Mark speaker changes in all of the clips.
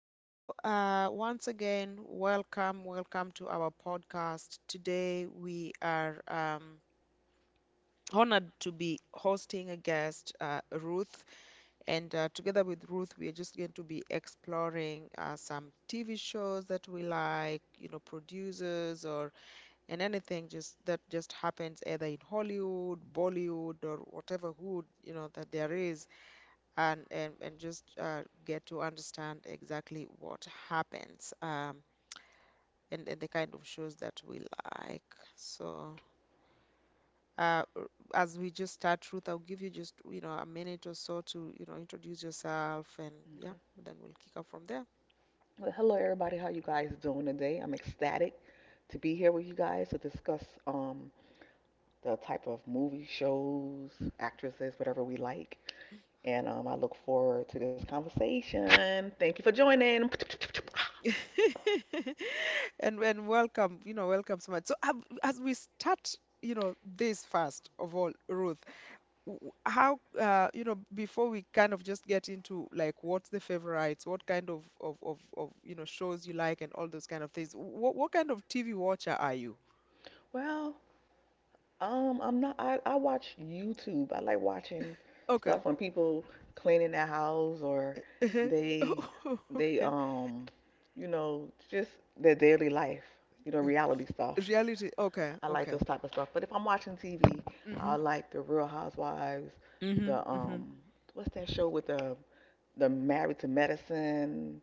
Speaker 1: Hello, once again, welcome to our podcast. Today we are honored to be hosting a guest, Ruth, and together with Ruth, we are just going to be exploring some TV shows that we like, producers or and anything just that just happens either in Hollywood, Bollywood, or whatever hood that there is, and and just get to understand exactly what happens. And the kind of shows that we like. So, uh, r- as we just start, Ruth, I'll give you just, a minute or so to, introduce yourself and yeah, then we'll kick off from there.
Speaker 2: Well, hello everybody. How you guys doing today? I'm ecstatic to be here with you guys to discuss the type of movie shows, actresses, whatever we like. And I look forward to this conversation. Thank you for joining.
Speaker 1: And welcome, welcome so much. So as we start, this first of all, Ruth, how you know, before we kind of just get into like what's the favorites, what kind of you know shows you like and all those kind of things. What kind of TV watcher are you?
Speaker 2: Well, I'm not. I watch YouTube. I like watching
Speaker 1: Okay.
Speaker 2: stuff when people cleaning their house or
Speaker 1: Uh-huh.
Speaker 2: they
Speaker 1: Oh,
Speaker 2: they
Speaker 1: okay.
Speaker 2: um you know just their daily life. You know,
Speaker 1: Yeah.
Speaker 2: reality stuff.
Speaker 1: Reality. Okay.
Speaker 2: I like
Speaker 1: Okay.
Speaker 2: those type of stuff. But if I'm watching TV,
Speaker 1: Mm-hmm.
Speaker 2: I like the Real Housewives,
Speaker 1: Mm-hmm.
Speaker 2: the
Speaker 1: Mm-hmm.
Speaker 2: what's that show with the Married to Medicine,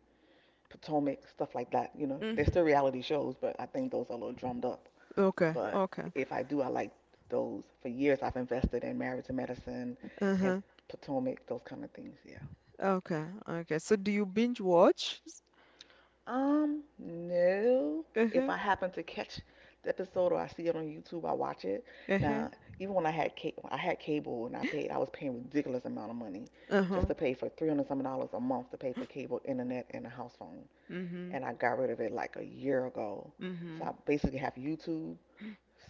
Speaker 2: Potomac, stuff like that. You know,
Speaker 1: Mm.
Speaker 2: they're still reality shows, but I think those are a little drummed up.
Speaker 1: Okay.
Speaker 2: But
Speaker 1: Okay.
Speaker 2: if I do, I like those. For years, I've invested in Married to Medicine and
Speaker 1: Uh-huh.
Speaker 2: Potomac, those kind of things. Yeah.
Speaker 1: Okay. Okay. So do you binge watch?
Speaker 2: No. If
Speaker 1: Uh-huh.
Speaker 2: I happen to catch the episode or I see it on YouTube, I watch it.
Speaker 1: Uh-huh.
Speaker 2: Now, even when I had cable and I was paying ridiculous amount of money
Speaker 1: Uh-huh.
Speaker 2: just to pay for 300 some dollars a month to pay for cable, internet, and a house phone.
Speaker 1: Mm-hmm.
Speaker 2: And I got rid of it like a year ago.
Speaker 1: Mm-hmm.
Speaker 2: So I basically have YouTube,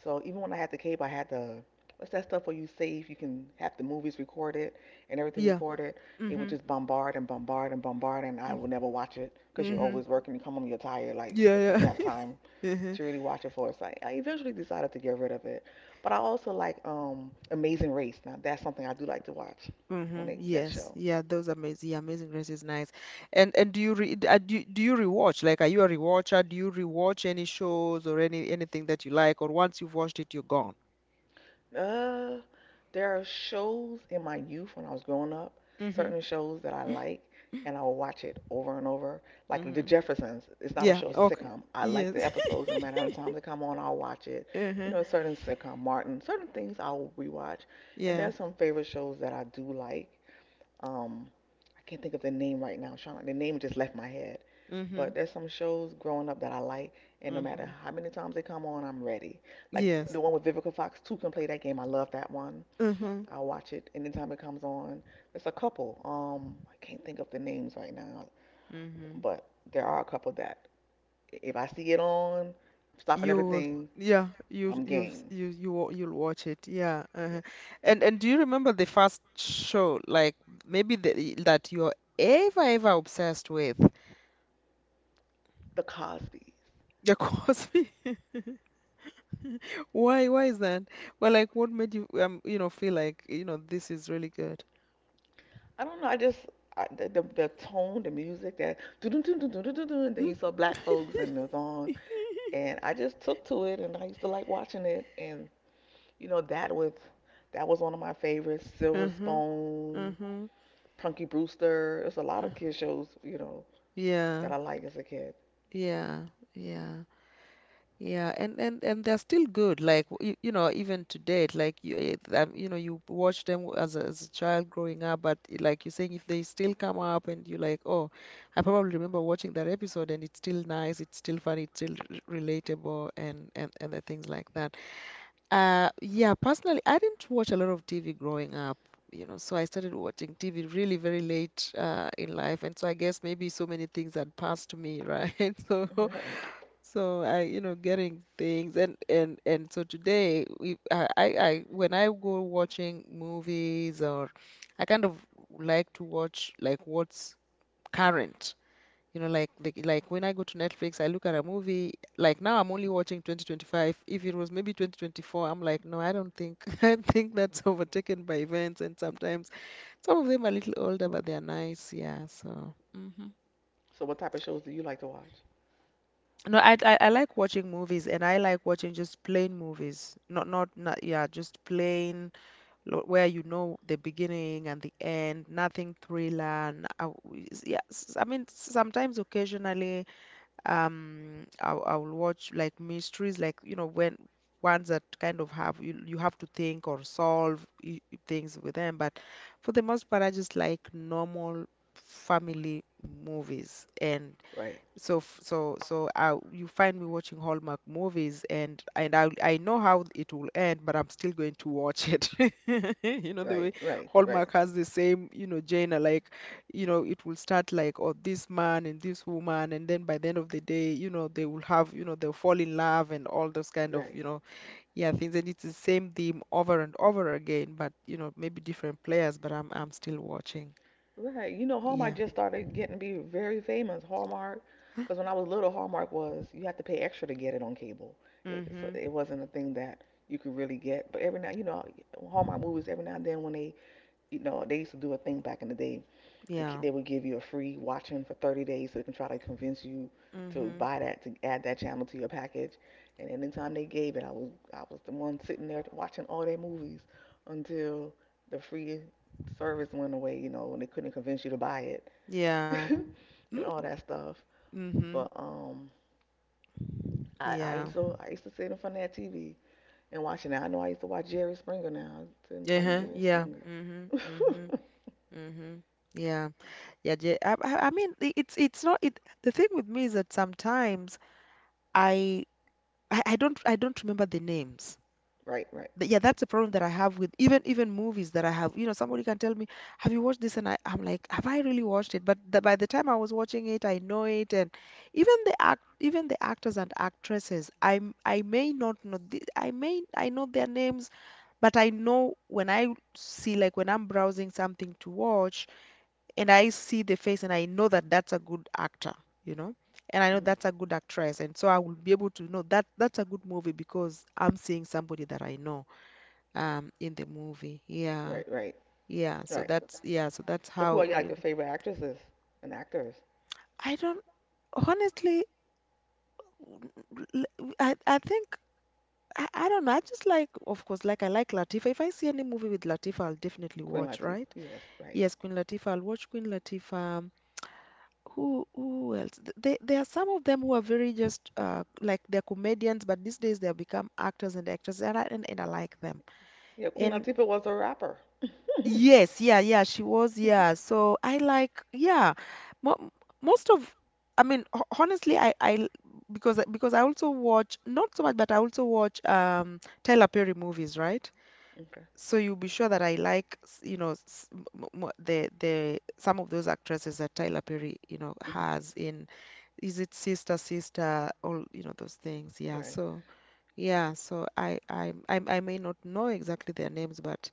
Speaker 2: so even when I had the cable, I had the what's that stuff where you save, you can have the movies recorded and everything
Speaker 1: Yeah.
Speaker 2: recorded. It would
Speaker 1: Mm-hmm.
Speaker 2: just bombard and bombard and bombard, and I would never watch it because you're
Speaker 1: Mm-hmm.
Speaker 2: always working. You come home, you're tired. Like, what time you
Speaker 1: Yeah,
Speaker 2: have time
Speaker 1: yeah.
Speaker 2: to really watch it for? So I eventually decided to get rid of it. But I also like Amazing Race. Now that's something I do like to watch when
Speaker 1: Mm-hmm.
Speaker 2: they, that
Speaker 1: Yes.
Speaker 2: show.
Speaker 1: Yeah, those amazing yeah, Amazing Grace is nice. And do you rewatch? Like, are you a rewatcher? Do you rewatch any shows or any anything that you like, or once you've watched it, you're gone?
Speaker 2: Uh, There are shows in my youth when I was growing up,
Speaker 1: Mm-hmm.
Speaker 2: certain shows that I like, and I will watch it over and over. Like The
Speaker 1: Mm-hmm.
Speaker 2: Jeffersons, it's not a
Speaker 1: Yeah,
Speaker 2: show, it's a
Speaker 1: okay.
Speaker 2: sitcom. I like
Speaker 1: Yes.
Speaker 2: the episodes, and no matter how many times they come on, I'll watch it. You
Speaker 1: Uh-huh.
Speaker 2: know, a certain sitcom, Martin, certain things I'll rewatch. And
Speaker 1: Yeah.
Speaker 2: there are some favorite shows that I do like. Um, I can't think of the name right now, Sean. The name just left my head.
Speaker 1: Mm-hmm.
Speaker 2: But there's some shows growing up that I like, and no matter
Speaker 1: Mm-hmm.
Speaker 2: how many times they come on, I'm ready. Like
Speaker 1: Yes.
Speaker 2: the one with Vivica Fox, two can play that game. I love that one.
Speaker 1: Mm-hmm.
Speaker 2: I watch it anytime it comes on. There's a couple. I can't think of the names right now,
Speaker 1: Mm-hmm.
Speaker 2: but there are a couple that if I see it on, I'm stopping
Speaker 1: You'll
Speaker 2: everything.
Speaker 1: yeah, you
Speaker 2: I'm
Speaker 1: you s-
Speaker 2: game.
Speaker 1: you wa- You'll watch it. Yeah.
Speaker 2: Yes.
Speaker 1: And do you remember the first show like maybe the, that you're ever obsessed with?
Speaker 2: The Cosby.
Speaker 1: The Cosby. Why is that? Well, like what made you you know feel like you know this is really good?
Speaker 2: I don't know. I just I, the tone, the music, that do do do do do do do. Then
Speaker 1: Mm.
Speaker 2: you saw black folks and it was on, and I just took to it, and I used to like watching it, and you know that was one of my favorites. Silver
Speaker 1: Uh-huh.
Speaker 2: Spoon,
Speaker 1: Uh-huh.
Speaker 2: Punky Brewster. There's a lot of
Speaker 1: uh,
Speaker 2: kid shows, you know,
Speaker 1: Yeah.
Speaker 2: that I like as a kid.
Speaker 1: Yeah. Yeah. Yeah, and and they're still good. Like you, you know, even to date, like you, you know, you watch them as a child growing up, but like you're saying, if they still come up and you're like, oh, I probably remember watching that episode, and it's still nice, it's still funny, it's still relatable, and and the things like that. Yeah, personally, I didn't watch a lot of TV growing up. You know, so I started watching TV really very late in life, and so I guess maybe so many things had passed me, right? So
Speaker 2: Right.
Speaker 1: so you know, getting things and and so today we I- when I go watching movies or I kind of like to watch like what's current. You know, like the, like when I go to Netflix, I look at a movie. Like now, I'm only watching 2025. If it was maybe 2024, I'm like, no, I don't think I think that's overtaken by events. And sometimes some of them are a little older, but they're nice. Yeah. So. Mhm.
Speaker 2: So what type of shows do you like to watch?
Speaker 1: No, I I like watching movies and I like watching just plain movies. Not not not yeah, just plain where you know the beginning and the end, nothing thriller. Yeah, I mean sometimes occasionally I will watch like mysteries like you know when ones that kind of have you have to think or solve things with them, but for the most part I just like normal family movies and
Speaker 2: Right.
Speaker 1: so so I, you find me watching Hallmark movies and and I know how it will end but I'm still going to watch it you know the
Speaker 2: Right.
Speaker 1: way
Speaker 2: Right. Right.
Speaker 1: Hallmark has the same you know genre like you know it will start like oh this man and this woman and then by the end of the day you know they will have you know they'll fall in love and all those kind of
Speaker 2: Right.
Speaker 1: you know yeah things and it's the same theme over and over again but you know maybe different players but I'm still watching
Speaker 2: Right. You know, Hallmark
Speaker 1: yeah
Speaker 2: just started getting to be very famous. Hallmark, because when I was little, Hallmark was you had to pay extra to get it on cable.
Speaker 1: mm
Speaker 2: It, so
Speaker 1: mhm
Speaker 2: it wasn't a thing that you could really get. But every now, you know, Hallmark movies every now and then when they, you know, they used to do a thing back in the day the,
Speaker 1: yeah
Speaker 2: they would give you a free watching for 30 days so they can try to convince you
Speaker 1: mm
Speaker 2: to buy
Speaker 1: mhm
Speaker 2: that, to add that channel to your package, and anytime they gave it, I was, I was the one sitting there watching all their movies until the free service went away, you know, and they couldn't convince you to buy it.
Speaker 1: yeah
Speaker 2: And all that stuff.
Speaker 1: Mm-hmm.
Speaker 2: But i i
Speaker 1: Yeah.
Speaker 2: used to i used to sit in front of that TV and watch it. Now I know I used to watch Jerry Springer, now I sit in front of
Speaker 1: Uh-huh.
Speaker 2: Jerry
Speaker 1: Yeah.
Speaker 2: Springer.
Speaker 1: Mm-hmm. Mm-hmm. Mm-hmm. Yeah. Yeah. Je- I mean, it's not it. The thing with me is that sometimes I I don't I don't remember the names.
Speaker 2: Right, right.
Speaker 1: But yeah, that's a problem that I have with even movies that I have. You know, somebody can tell me, "Have you watched this?" And I'm like, "Have I really watched it?" But the, by the time I was watching it, I know it, and even the actors and actresses, I may not know the, I may I know their names. But I know when I see, like when I'm browsing something to watch and I see the face and I know that that's a good actor, you know, and I know
Speaker 2: Mhm,
Speaker 1: that's a good actress. And so I will be able to know that that's a good movie because I'm seeing somebody that I know in the movie. Yeah.
Speaker 2: right, right.
Speaker 1: Yeah.
Speaker 2: Yeah,
Speaker 1: So
Speaker 2: right.
Speaker 1: that's, yeah. So that's
Speaker 2: So who
Speaker 1: how,
Speaker 2: are
Speaker 1: you
Speaker 2: like your
Speaker 1: know,
Speaker 2: favorite actresses and actors?
Speaker 1: I don't, honestly, l- I think I don't know. I just like, of course, like I like Latifah. If I see any movie with Latifah, I'll definitely
Speaker 2: Queen
Speaker 1: watch,
Speaker 2: Latifah.
Speaker 1: right?
Speaker 2: Yes, right.
Speaker 1: Yes, Queen Latifah. I'll watch Queen Latifah. Who else? They, there are some of them who are very just like they're comedians, but these days they have become actors and actresses, and I like them.
Speaker 2: Yeah, Queen
Speaker 1: And
Speaker 2: Latifah was a rapper. Okay.
Speaker 1: yes, yeah, yeah, she was, yeah. So I like, yeah, mo most of, I mean, ho honestly, I because I also watch not so much, but I also watch Tyler Perry movies, right? So you'll be sure that I like, you know, the some of those actresses that Tyler Perry, you know,
Speaker 2: Hmm.
Speaker 1: has in is it Sister Sister, all you know those things. Yeah.
Speaker 2: Right.
Speaker 1: So yeah. So I may not know exactly their names, but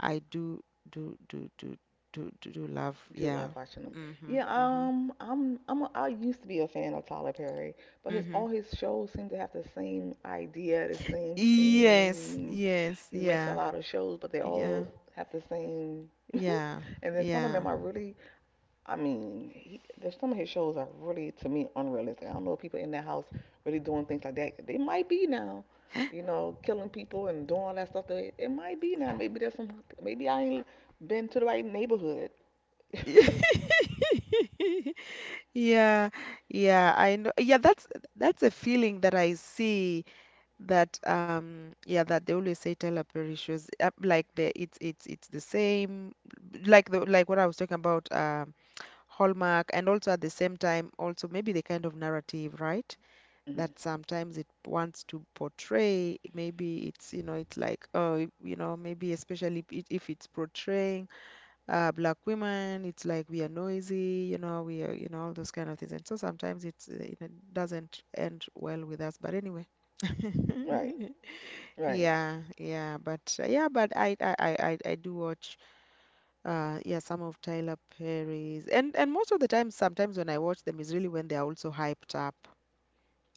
Speaker 1: I do do do do do love.
Speaker 2: Do
Speaker 1: Yeah.
Speaker 2: love watching them.
Speaker 1: Mhm.
Speaker 2: Yeah.
Speaker 1: Mhm.
Speaker 2: I used to be a fan of Tyler Perry, but his all
Speaker 1: Mhm.
Speaker 2: his shows seem to have the same idea, the same
Speaker 1: Yes.
Speaker 2: theme.
Speaker 1: Yes.
Speaker 2: He makes a
Speaker 1: Yeah.
Speaker 2: lot of shows, but they
Speaker 1: Yeah.
Speaker 2: all have the same.
Speaker 1: Yeah.
Speaker 2: And then some of
Speaker 1: Yeah.
Speaker 2: them are really I mean, he, there's some of his shows are really to me unrealistic. I don't know if people in that house really doing things like that. They might be now, you know, killing people and doing all that stuff. That it might be now. Maybe there's some. Maybe I ain't been to the right neighborhood.
Speaker 1: Yeah, yeah, I know. Yeah, that's a feeling that I see that yeah that they always say Tyler Perry shows like the it's it's the same like the like what I was talking about Hallmark and also at the same time also maybe the kind of narrative, right?
Speaker 2: Mhm.
Speaker 1: That sometimes it wants to portray maybe it's you know it's like oh you know maybe especially if it's portraying black women, it's like we are noisy, you know, we are, you know, all those kind of things. And so sometimes it's, it doesn't end well with us. But anyway,
Speaker 2: Right, right.
Speaker 1: yeah, yeah, but I I do watch, yeah, some of Tyler Perry's, and most of the time, sometimes when I watch them is really when they are also hyped up.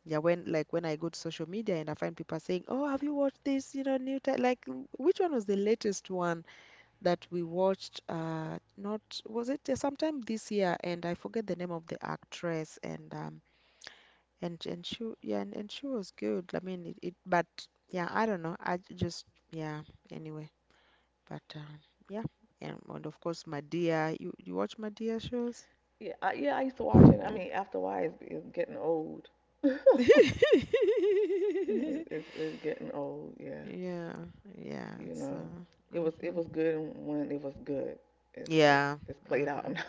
Speaker 1: Yeah, when like when I go to social media and I find people saying, "Oh, have you watched this? You know, new like which one was the latest one? That we watched not was it sometime this year and I forget the name of the actress and and she yeah and she was good. I mean it, it but yeah, I don't know. Just yeah, anyway. But yeah. And of course Madea. You watch Madea shows?
Speaker 2: Yeah. I used to watch it. I mean, after a while, it's getting old. it's, it's getting old. Yeah,
Speaker 1: Yeah, yeah.
Speaker 2: you
Speaker 1: So,
Speaker 2: know, it was it
Speaker 1: mhm.
Speaker 2: was good when it was good. It's
Speaker 1: Yeah,
Speaker 2: it's played out
Speaker 1: mhm.
Speaker 2: now.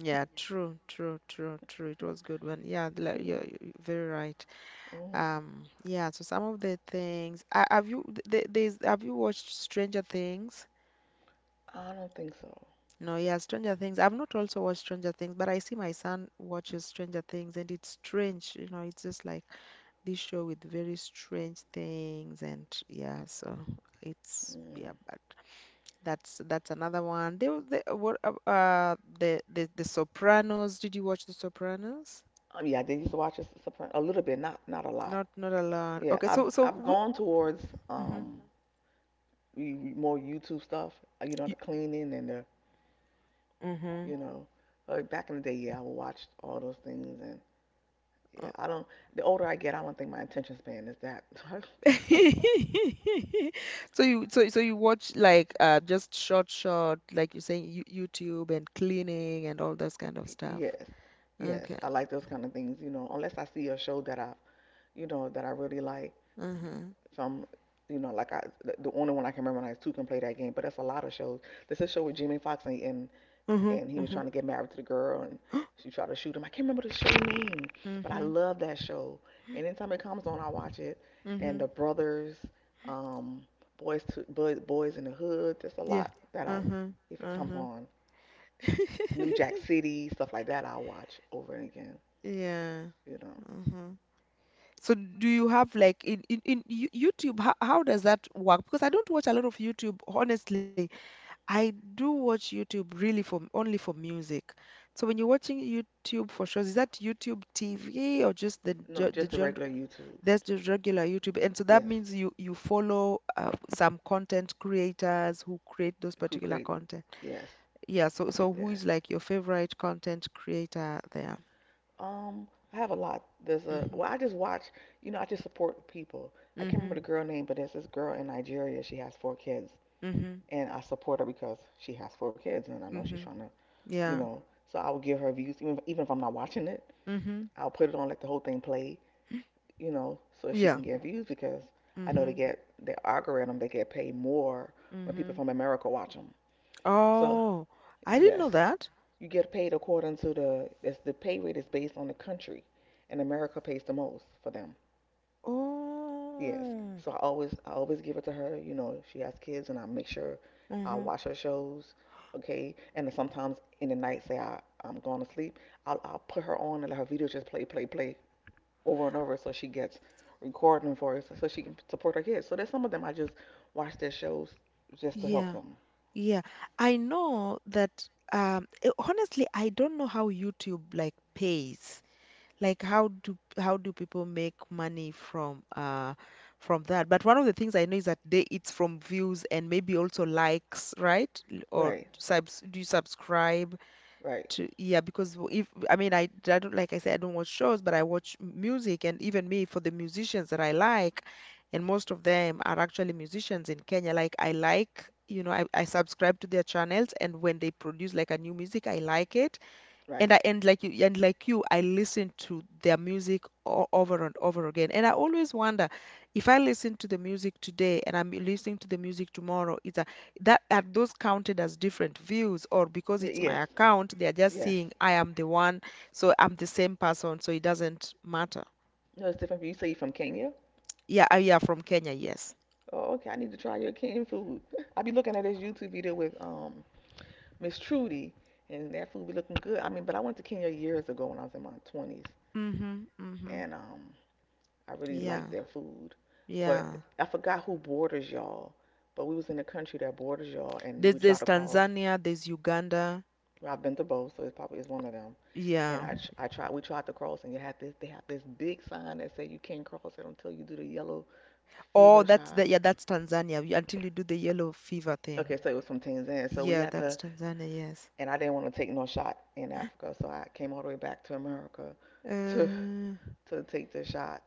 Speaker 1: Yeah, true. It was good one. Yeah, like, you're very right.
Speaker 2: Mhm.
Speaker 1: Yeah, so some of the things have you there's have you watched Stranger Things?
Speaker 2: I don't think so.
Speaker 1: No, yeah, Stranger Things. I've not also watched Stranger Things, but I see my son watches Stranger Things and it's strange, you know, it's just like this show with very strange things and yeah, so it's
Speaker 2: Mm.
Speaker 1: yeah, but that's another one. They were the what the the Sopranos. Did you watch the Sopranos?
Speaker 2: Yeah, I did used to watch The a little bit, not not a lot.
Speaker 1: Not not a lot.
Speaker 2: Yeah,
Speaker 1: Okay, so
Speaker 2: I've
Speaker 1: we,
Speaker 2: gone towards
Speaker 1: mm-hmm.
Speaker 2: more YouTube stuff. You know, the cleaning and the
Speaker 1: Mm-hmm.
Speaker 2: you know, back in the day, yeah, I would watch all those things and yeah,
Speaker 1: uh,
Speaker 2: I don't. The older I get, I don't think my attention span is that.
Speaker 1: So you you watch like just short like you saying you YouTube and cleaning and all those kind of stuff.
Speaker 2: Yes, yes,
Speaker 1: Okay.
Speaker 2: I like those kind of things. You know, unless I see a show that I, you know, that I really like.
Speaker 1: Uh-huh.
Speaker 2: Some, you know, like I, the only one I can remember now is Two Can Play That Game, but that's a lot of shows. There's a show with Jimmy Fox, and,
Speaker 1: Uh-huh.
Speaker 2: and he was
Speaker 1: Uh-huh.
Speaker 2: trying to get married to the girl, and she tried to shoot him. I can't remember the show name, but I
Speaker 1: Mm-hmm.
Speaker 2: love that show. And anytime it comes on, I watch it. And
Speaker 1: Mm-hmm.
Speaker 2: the brothers, um, boys in the hood. There's a
Speaker 1: Yeah.
Speaker 2: lot that I,
Speaker 1: Uh-huh.
Speaker 2: if it comes
Speaker 1: Uh-huh.
Speaker 2: on, New Jack City, stuff like that, I'll watch over and again.
Speaker 1: Yeah.
Speaker 2: You
Speaker 1: Uh-huh. So do you have like in YouTube how does that work? Because I don't watch a lot of YouTube honestly. I do watch YouTube really for only for music. So when you're watching YouTube for shows, is that YouTube TV or just the
Speaker 2: know, no,
Speaker 1: ge- the
Speaker 2: just the
Speaker 1: gen?
Speaker 2: regular YouTube.
Speaker 1: There's the regular YouTube, and so that
Speaker 2: Yes,
Speaker 1: means you follow some content creators who create those
Speaker 2: Crew
Speaker 1: particular
Speaker 2: Crate.
Speaker 1: content.
Speaker 2: Yes,
Speaker 1: Yeah. So who is
Speaker 2: yes.
Speaker 1: like your favorite content creator there?
Speaker 2: Um, I have a lot. There's a
Speaker 1: Mhm.
Speaker 2: well, I just watch. You know, I just support people. I can't remember
Speaker 1: Mhm.
Speaker 2: the girl name, but there's this girl in Nigeria. She has four kids,
Speaker 1: Mhm.
Speaker 2: and I support her because she has four kids, and I know she's
Speaker 1: Mhm.
Speaker 2: trying to, you
Speaker 1: Yeah.
Speaker 2: know. So I will give her views, even if I'm not watching it.
Speaker 1: Mhm.
Speaker 2: I'll put it on, let the whole thing play, you know, so she
Speaker 1: Yeah.
Speaker 2: can get views because I know they
Speaker 1: Mhm.
Speaker 2: get their algorithm. They get paid more when people
Speaker 1: Mhm.
Speaker 2: from America watch them. So
Speaker 1: Oh, I didn't know
Speaker 2: yes,
Speaker 1: that.
Speaker 2: you get paid according to the pay rate is based on the country, and America pays the most for them. Yes.
Speaker 1: Oh.
Speaker 2: So I always give it to her. You know, she has kids, and I make sure I
Speaker 1: Mhm.
Speaker 2: watch her shows. Okay. And then sometimes in the night, say I'm going to sleep, I'll put her on and let her video just play play play over and over, so she gets recording for us, so she can support her kids. So there's some of them I just watch their shows just to help
Speaker 1: Yeah,
Speaker 2: them.
Speaker 1: yeah. I know that honestly I don't know how YouTube like pays. Like how do people make money from from that? But one of the things I know is that they it's from views and maybe also likes, right? Or
Speaker 2: Right.
Speaker 1: subs, do you subscribe
Speaker 2: Right.
Speaker 1: to? Yeah, because w- if I mean, I don't, like I said, I don't watch shows, but I watch music. And even me, for the musicians that I like, and most of them are actually musicians in Kenya, like I like, you know, I subscribe to their channels. And when they produce like a new music I like it.
Speaker 2: Right.
Speaker 1: And I and like you, I listen to their music over and over again. And I always wonder, if I listen to the music today and I'm listening to the music tomorrow, that, are those counted as different views, or because
Speaker 2: Y-
Speaker 1: it's my
Speaker 2: yes.
Speaker 1: account, they are just
Speaker 2: Yes.
Speaker 1: seeing I am the one, so I'm the same person, so it doesn't matter.
Speaker 2: No, it's different. You say you from Kenya?
Speaker 1: Yeah, I yeah, from Kenya, yes.
Speaker 2: Oh, okay. I need to try your Kenyan food. I be looking at this YouTube video with Miss Trudy, and that food be looking good. I mean, but I went to Kenya years ago when I was in my 20s,
Speaker 1: Mm-hmm. Mm-hmm.
Speaker 2: and I really
Speaker 1: Yeah.
Speaker 2: liked their food. But
Speaker 1: Yeah.
Speaker 2: I forgot who borders y'all, but we was in a country that borders y'all, and
Speaker 1: There's
Speaker 2: we
Speaker 1: there's
Speaker 2: tried to cross.
Speaker 1: Tanzania, there's Uganda.
Speaker 2: Well, I've been to both, so it probably is one of them. And
Speaker 1: Yeah.
Speaker 2: I tried, we tried to cross, and you had this, they have this big sign that said you can't cross it until you do the yellow
Speaker 1: Oh,
Speaker 2: fever
Speaker 1: that's
Speaker 2: shot.
Speaker 1: the yeah, that's Tanzania, until you do the yellow fever
Speaker 2: Okay,
Speaker 1: thing.
Speaker 2: so it was from Tanzania. So we
Speaker 1: Yeah,
Speaker 2: had
Speaker 1: that's
Speaker 2: to,
Speaker 1: Tanzania, yes.
Speaker 2: and I didn't want to take no shot in Africa, so I came all the way back to America to
Speaker 1: Uh,
Speaker 2: to take the shot,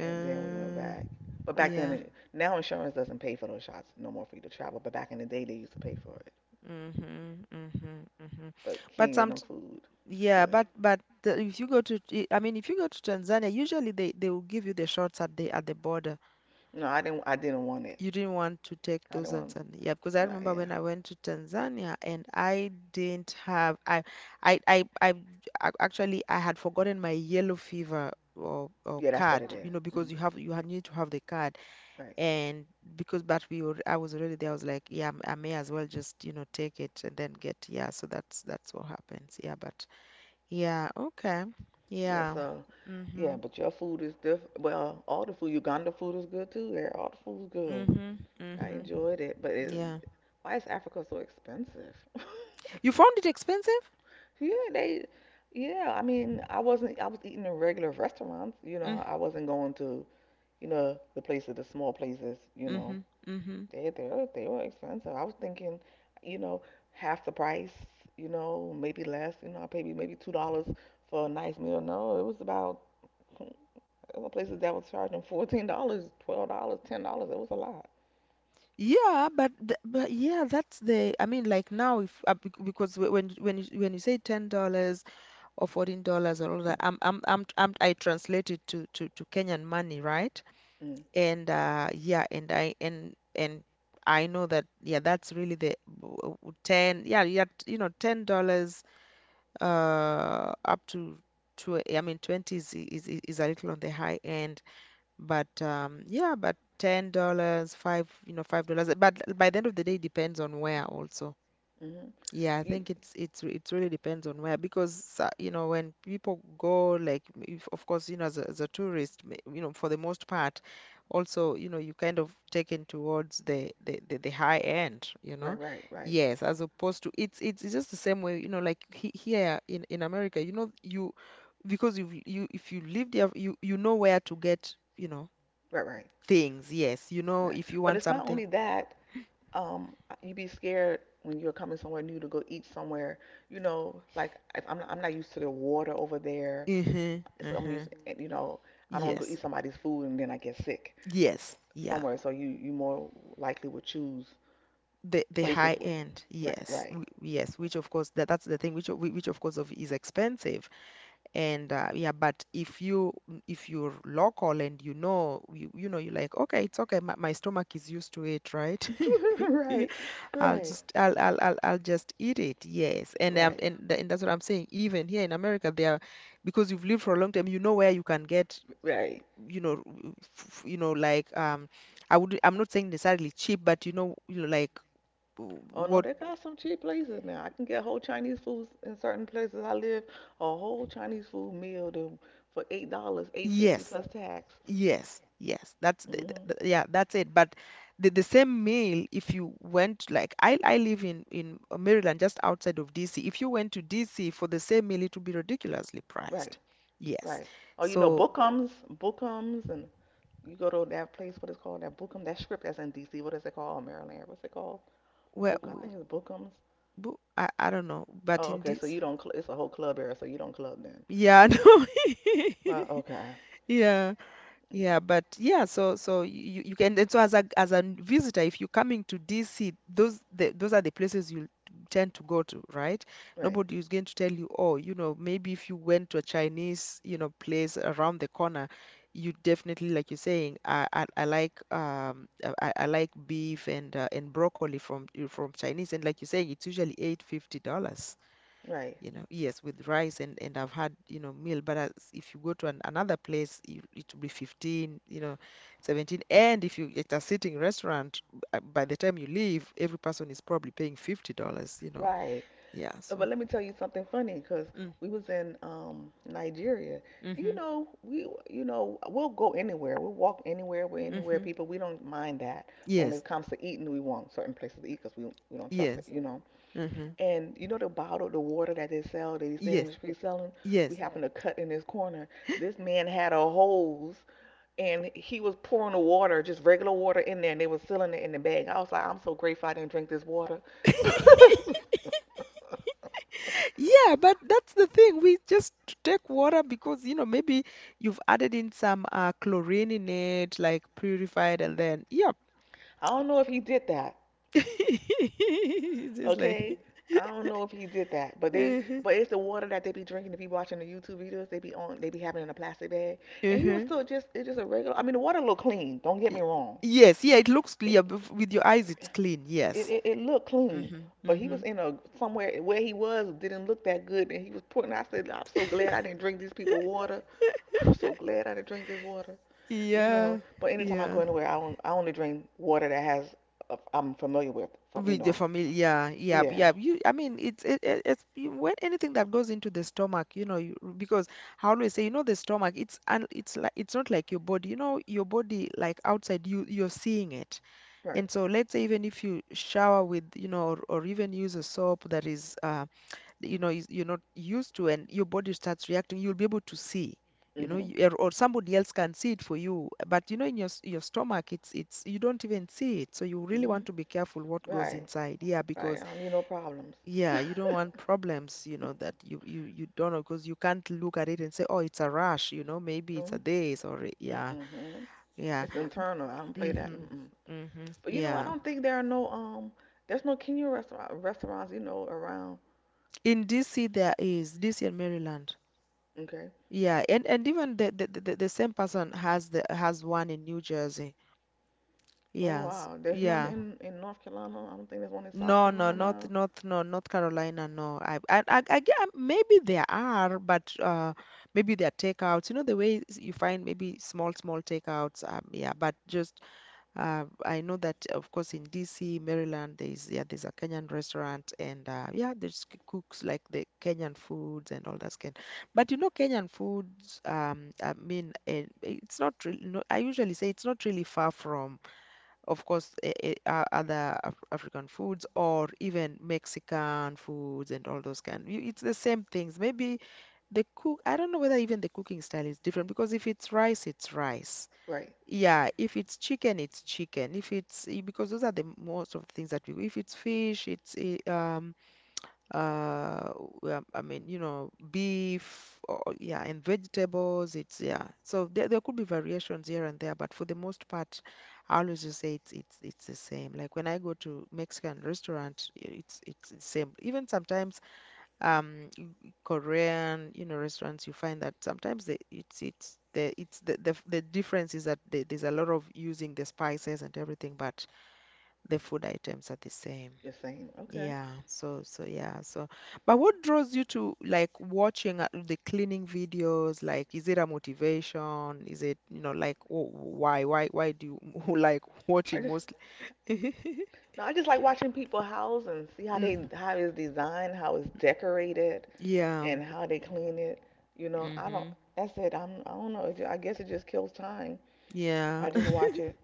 Speaker 2: and then we went back. But back then,
Speaker 1: yeah.
Speaker 2: it, now insurance doesn't pay for those shots no more for you to travel. But back in the day, they used to pay for it.
Speaker 1: Mm-hmm, mm-hmm, mm-hmm.
Speaker 2: But
Speaker 1: But
Speaker 2: Kenya,
Speaker 1: some,
Speaker 2: them food, it's
Speaker 1: yeah,
Speaker 2: good.
Speaker 1: but if you go to, I mean, if you go to Tanzania, usually they will give you the shots at the border.
Speaker 2: No, I didn't. I didn't want it.
Speaker 1: You didn't want to take
Speaker 2: I didn't
Speaker 1: those on
Speaker 2: want.
Speaker 1: Sunday. Yeah, because I
Speaker 2: No,
Speaker 1: remember
Speaker 2: yeah,
Speaker 1: when I went to Tanzania and I didn't have I actually I had forgotten my yellow fever, or
Speaker 2: yeah, that's what it
Speaker 1: card, you
Speaker 2: is.
Speaker 1: know,
Speaker 2: Mm-hmm.
Speaker 1: because you have you had- need to have the card.
Speaker 2: Right.
Speaker 1: And because, but we were I was already there, I was like, yeah, I may as well just, you know, take it and then get, yeah, so that's what happens. Yeah, but yeah, okay.
Speaker 2: Yeah.
Speaker 1: Yeah.
Speaker 2: So, yeah,
Speaker 1: Mm-hmm.
Speaker 2: but your food is diff. Well, all the food, Uganda food is good too. Yeah, all the food's good.
Speaker 1: Mm-hmm.
Speaker 2: I
Speaker 1: Mm-hmm.
Speaker 2: enjoyed it, but it,
Speaker 1: Yeah.
Speaker 2: why is Africa so expensive?
Speaker 1: You found it expensive?
Speaker 2: Yeah, they, yeah. I mean, I wasn't. I was eating in regular restaurants. You
Speaker 1: Mm-hmm.
Speaker 2: know, I wasn't going to, you know, the places, the small places. You know,
Speaker 1: Mm-hmm. Mm-hmm.
Speaker 2: they were expensive. I was thinking, you know, half the price. You know, maybe less. You know, I paid me maybe $2 for a nice meal. No, it was about there were places that was charging $14, $12, $10. It was a lot.
Speaker 1: Yeah, but but yeah, that's the, I mean like now if because when when you say $10 or $14 or all that, I'm I translate it to Kenyan money, right?
Speaker 2: Mm,
Speaker 1: And yeah, and I know that, yeah, that's really the ten, yeah, yeah, you know, $10 up to, I mean, 20 is is a little on the high end, but yeah, but $10, five, you know, $5. But by the end of the day, it depends on where also.
Speaker 2: hmm.
Speaker 1: Yeah, I
Speaker 2: You
Speaker 1: think it's it really depends on where, because you know, when people go, like if, of course, you know, as a tourist you know, for the most part, also, you know, you kind of taken towards the high end, you
Speaker 2: right,
Speaker 1: know,
Speaker 2: right, right,
Speaker 1: yes, as opposed to, it's just the same way, you know, like here in America, you know, you because you if you live there, you know where to get, you know,
Speaker 2: right, right,
Speaker 1: things, yes. You know,
Speaker 2: right.
Speaker 1: if you
Speaker 2: But
Speaker 1: want
Speaker 2: it's not
Speaker 1: something.
Speaker 2: only that. um you be scared when you're coming somewhere new to go eat somewhere, you know, like if I'm not, I'm not used to the water over there,
Speaker 1: Hmm.
Speaker 2: so
Speaker 1: Hmm.
Speaker 2: you know, I don't want to go eat
Speaker 1: Yes.
Speaker 2: somebody's food and then I get sick
Speaker 1: Yes. Yeah.
Speaker 2: somewhere, so you more likely would choose
Speaker 1: The
Speaker 2: places
Speaker 1: high
Speaker 2: with
Speaker 1: end,
Speaker 2: right
Speaker 1: yes.
Speaker 2: right.
Speaker 1: W yes, which of course, that that's the thing, which which of course of is expensive. And yeah, but if you, if you're local, and you know, you're like, okay, it's okay. My stomach is used to it, right? Yeah,
Speaker 2: Right, right,
Speaker 1: I'll just eat it. Yes. And
Speaker 2: right,
Speaker 1: and that's what I'm saying. Even here in America, they are, because you've lived for a long time, you know where you can get,
Speaker 2: right.
Speaker 1: you know, you know, like, I would, I'm not saying necessarily cheap, but you know, you know, like,
Speaker 2: Oh no,
Speaker 1: what.
Speaker 2: they got some cheap places now. I can get whole Chinese foods in certain places I live, a whole Chinese food meal to, for $8 8.50
Speaker 1: Yes,
Speaker 2: plus tax.
Speaker 1: yes, yes, that's
Speaker 2: Hmm,
Speaker 1: yeah, that's it. But the same meal, if you went, like, I live in Maryland, just outside of DC, if you went to DC for the same meal, it would be ridiculously
Speaker 2: right.
Speaker 1: priced. Yes,
Speaker 2: Right. Oh, you know,
Speaker 1: so
Speaker 2: Bookums, Bookums, and you go to that place. What is it called? That Bookum? That strip that's in D.C. What is it called? Maryland. What's it called?
Speaker 1: where.
Speaker 2: Book. I think it's Bookums.
Speaker 1: I don't know, but
Speaker 2: Oh,
Speaker 1: in
Speaker 2: okay. So
Speaker 1: this,
Speaker 2: you don't. Cl- it's a whole club area. So you don't club then.
Speaker 1: yeah. No.
Speaker 2: Well, okay.
Speaker 1: Yeah.
Speaker 2: Mm,
Speaker 1: Yeah, but yeah, so so you can, and so as a, as a visitor, if you're coming to DC, those are the places you tend to go to, right?
Speaker 2: right.
Speaker 1: Nobody is going to tell you, oh, you know, maybe if you went to a Chinese, you know, place around the corner, you definitely, like you're saying, I like, I like beef and broccoli from Chinese, and like you're saying, it's usually $8.50,
Speaker 2: Right.
Speaker 1: you know. Yes, with rice and I've had, you know, meal. But as, if you go to an, another place, it will be 15, you know, 17. And if you, it's a sitting restaurant, by the time you leave, every person is probably paying $50, you know.
Speaker 2: Right.
Speaker 1: Yeah, so,
Speaker 2: But let me tell you something funny. Cause
Speaker 1: mm,
Speaker 2: we was in Nigeria. And, you
Speaker 1: mhm,
Speaker 2: know, we'll go anywhere. We'll walk anywhere. We're
Speaker 1: mm,
Speaker 2: anywhere
Speaker 1: mhm,
Speaker 2: people. We don't mind that. But when
Speaker 1: yes,
Speaker 2: it comes to eating, we want certain places to eat because we don't trust it,
Speaker 1: yes,
Speaker 2: you know.
Speaker 1: mm, mhm,
Speaker 2: And you know the bottle, the water that they sell, that he's standing in
Speaker 1: yes,
Speaker 2: the street selling? We,
Speaker 1: yes.
Speaker 2: yeah, happened to cut in this corner. This man had a hose and he was pouring the water, just regular water in there, and they were selling it in the bag. I was like, I'm so grateful I didn't drink this water. I
Speaker 1: Yeah, but that's the thing. We just take water because, you know, maybe you've added in some chlorine in it, like purified, and then, yeah.
Speaker 2: don't know if he did that,
Speaker 1: It's just like,
Speaker 2: okay? I don't know if he did that, but they,
Speaker 1: uh-huh,
Speaker 2: but it's the water that they be drinking. If you watching the YouTube videos, they be on, they be having it in a plastic bag, and he was
Speaker 1: uh-huh.
Speaker 2: still just, it's just a regular. I mean, the water looked clean. Don't get
Speaker 1: Y-
Speaker 2: me wrong.
Speaker 1: Yes, yeah, it looks
Speaker 2: It,
Speaker 1: clear. But With your eyes, it's clean.
Speaker 2: It,
Speaker 1: Yes.
Speaker 2: it it looked clean,
Speaker 1: Mm-hmm,
Speaker 2: but he
Speaker 1: mm-hmm.
Speaker 2: was in a somewhere where he was didn't look that good, and he was putting. I said, I'm so glad I didn't drink these people water. I'm so glad I didn't drink this water, you know.
Speaker 1: Yeah,
Speaker 2: But anytime I go
Speaker 1: yeah.
Speaker 2: anywhere, I on, I only drink water that has I'm familiar with from you
Speaker 1: With the
Speaker 2: know.
Speaker 1: family, yeah, yeah,
Speaker 2: Yeah,
Speaker 1: yeah. You, I mean, it's when anything that goes into the stomach, you know, you, because I always say, you know, the stomach, it's like it's not like your body. You know, your body, like outside, you're seeing it.
Speaker 2: right.
Speaker 1: And so let's say even if you shower with, you know, or even use a soap that is, you know, is, you're not used to, and your body starts reacting, you'll be able to see, you know,
Speaker 2: Mhm.
Speaker 1: or somebody else can see it for you. But, you know, in your, your stomach, you don't even see it. So you really
Speaker 2: Mhm.
Speaker 1: want to be careful what goes
Speaker 2: Right.
Speaker 1: inside. Yeah,
Speaker 2: Right.
Speaker 1: because,
Speaker 2: I don't need no problems.
Speaker 1: yeah, you don't want problems, you know, that you don't know, because you can't look at it and say, oh, it's a rash, you know, maybe it's a
Speaker 2: Mm,
Speaker 1: this, or,
Speaker 2: mm,
Speaker 1: yeah,
Speaker 2: mhm.
Speaker 1: yeah.
Speaker 2: It's internal. I don't play that.
Speaker 1: Mm-hmm.
Speaker 2: Mm-mm.
Speaker 1: Mm-hmm.
Speaker 2: But you know, I
Speaker 1: Yeah.
Speaker 2: don't think there are no there's no Kenyan restaurants, you know, around.
Speaker 1: In DC, there is DC and Maryland.
Speaker 2: Okay.
Speaker 1: Yeah, and even the same person has the has one in New Jersey.
Speaker 2: Oh
Speaker 1: Yes.
Speaker 2: wow, there's none
Speaker 1: Yeah.
Speaker 2: in North Carolina. I don't think there's one in South
Speaker 1: No, no,
Speaker 2: Carolina.
Speaker 1: North Carolina. No. I maybe there are, but maybe they're takeouts. You know the way, you find maybe small small takeouts. Yeah, but just. I know that, of course, in DC, Maryland, there's, yeah, there's a Kenyan restaurant, and yeah, there's cooks like the Kenyan foods and all that kind. But you know, Kenyan foods, I mean, it's not really. No, I usually say it's not really far from, of course, other Af African foods, or even Mexican foods, and all those kind. It's the same things. Maybe the cook. I don't know whether even the cooking style is different, because if it's rice, it's rice.
Speaker 2: Right,
Speaker 1: Yeah, if it's chicken, it's chicken. If it's because those are the most of the things that we. If it's fish, it's uh well, I mean, you know, beef, or yeah, and vegetables. It's, yeah. So there could be variations here and there, but for the most part, I always just say it's it's the same. Like when I go to Mexican restaurant, it's the same. Even sometimes um Korean, you know, restaurants, you find that sometimes it's the difference is that there's a lot of using the spices and everything, but the food items are the same.
Speaker 2: the same. Okay.
Speaker 1: Yeah, so so yeah, so but what draws you to like watching the cleaning videos? Like, is it a motivation? Is it, you know, like why do you like
Speaker 2: I
Speaker 1: watching
Speaker 2: just
Speaker 1: mostly?
Speaker 2: No, I just like watching people house and see how
Speaker 1: Mm,
Speaker 2: they how it's designed, how it's decorated,
Speaker 1: yeah.
Speaker 2: and how they clean it. You know, I don't.
Speaker 1: Hmm.
Speaker 2: That's it. I'm. I don't know. I guess it just kills time.
Speaker 1: Yeah.
Speaker 2: I just watch it.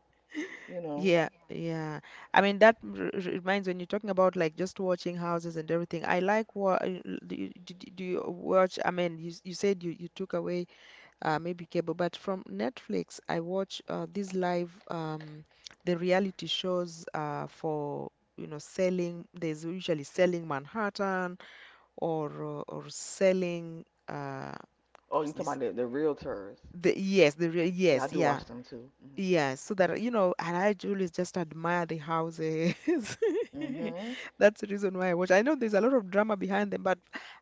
Speaker 2: You know.
Speaker 1: Yeah, yeah. I mean, that reminds when you're talking about like just watching houses and everything. I like, what do you, do you watch? I mean, you you said you you took away maybe cable, but from Netflix, I watch these live the reality shows for, you know, selling. There's usually selling Manhattan or selling
Speaker 2: Oh, you talking
Speaker 1: s-
Speaker 2: about the realtors?
Speaker 1: the yes the real
Speaker 2: Yeah, I
Speaker 1: yes
Speaker 2: do
Speaker 1: yeah
Speaker 2: watch them too.
Speaker 1: yes, so that you know, and I truly just admire the houses.
Speaker 2: Mm-hmm. Hmm.
Speaker 1: That's the reason why I watch. I know there's a lot of drama behind them, but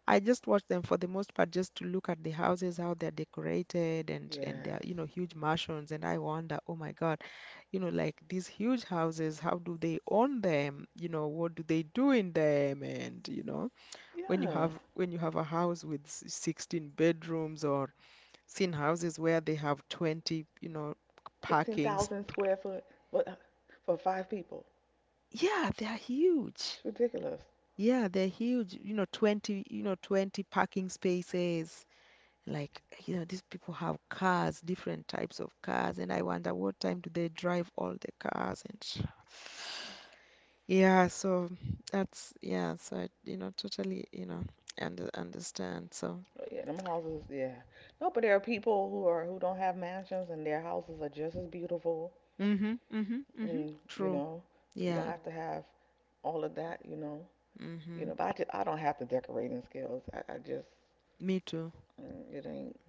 Speaker 1: I just watch them for the most part just to look at the houses, how they're decorated, and they're
Speaker 2: Yes.
Speaker 1: huge mansions, and I wonder, oh my God, like these huge houses, how do they own them? You know, what do they do in them? When you
Speaker 2: Yeah.
Speaker 1: have a house with 16 bedrooms, or seen houses where they have 20, you know,
Speaker 2: Fifteen
Speaker 1: parking.
Speaker 2: thousand square foot, but for five people.
Speaker 1: Yeah, they're huge.
Speaker 2: It's ridiculous.
Speaker 1: Yeah, they're huge. You know, 20, you know, 20 parking spaces. Like, you know, these people have cars, different types of cars, and I wonder what time do they drive all the cars yeah, so I, totally, understand. So,
Speaker 2: Oh, yeah, them houses, yeah. No, but there are people who are who don't have mansions and their houses are just as beautiful
Speaker 1: mm-hmm, mm-hmm, mm-hmm,
Speaker 2: and you
Speaker 1: true.
Speaker 2: know, you don't
Speaker 1: Yeah,
Speaker 2: have to have all of that, you know. You
Speaker 1: mm-hmm.
Speaker 2: know, but I don't have the decorating skills. I just
Speaker 1: Me too.
Speaker 2: mm, it ain't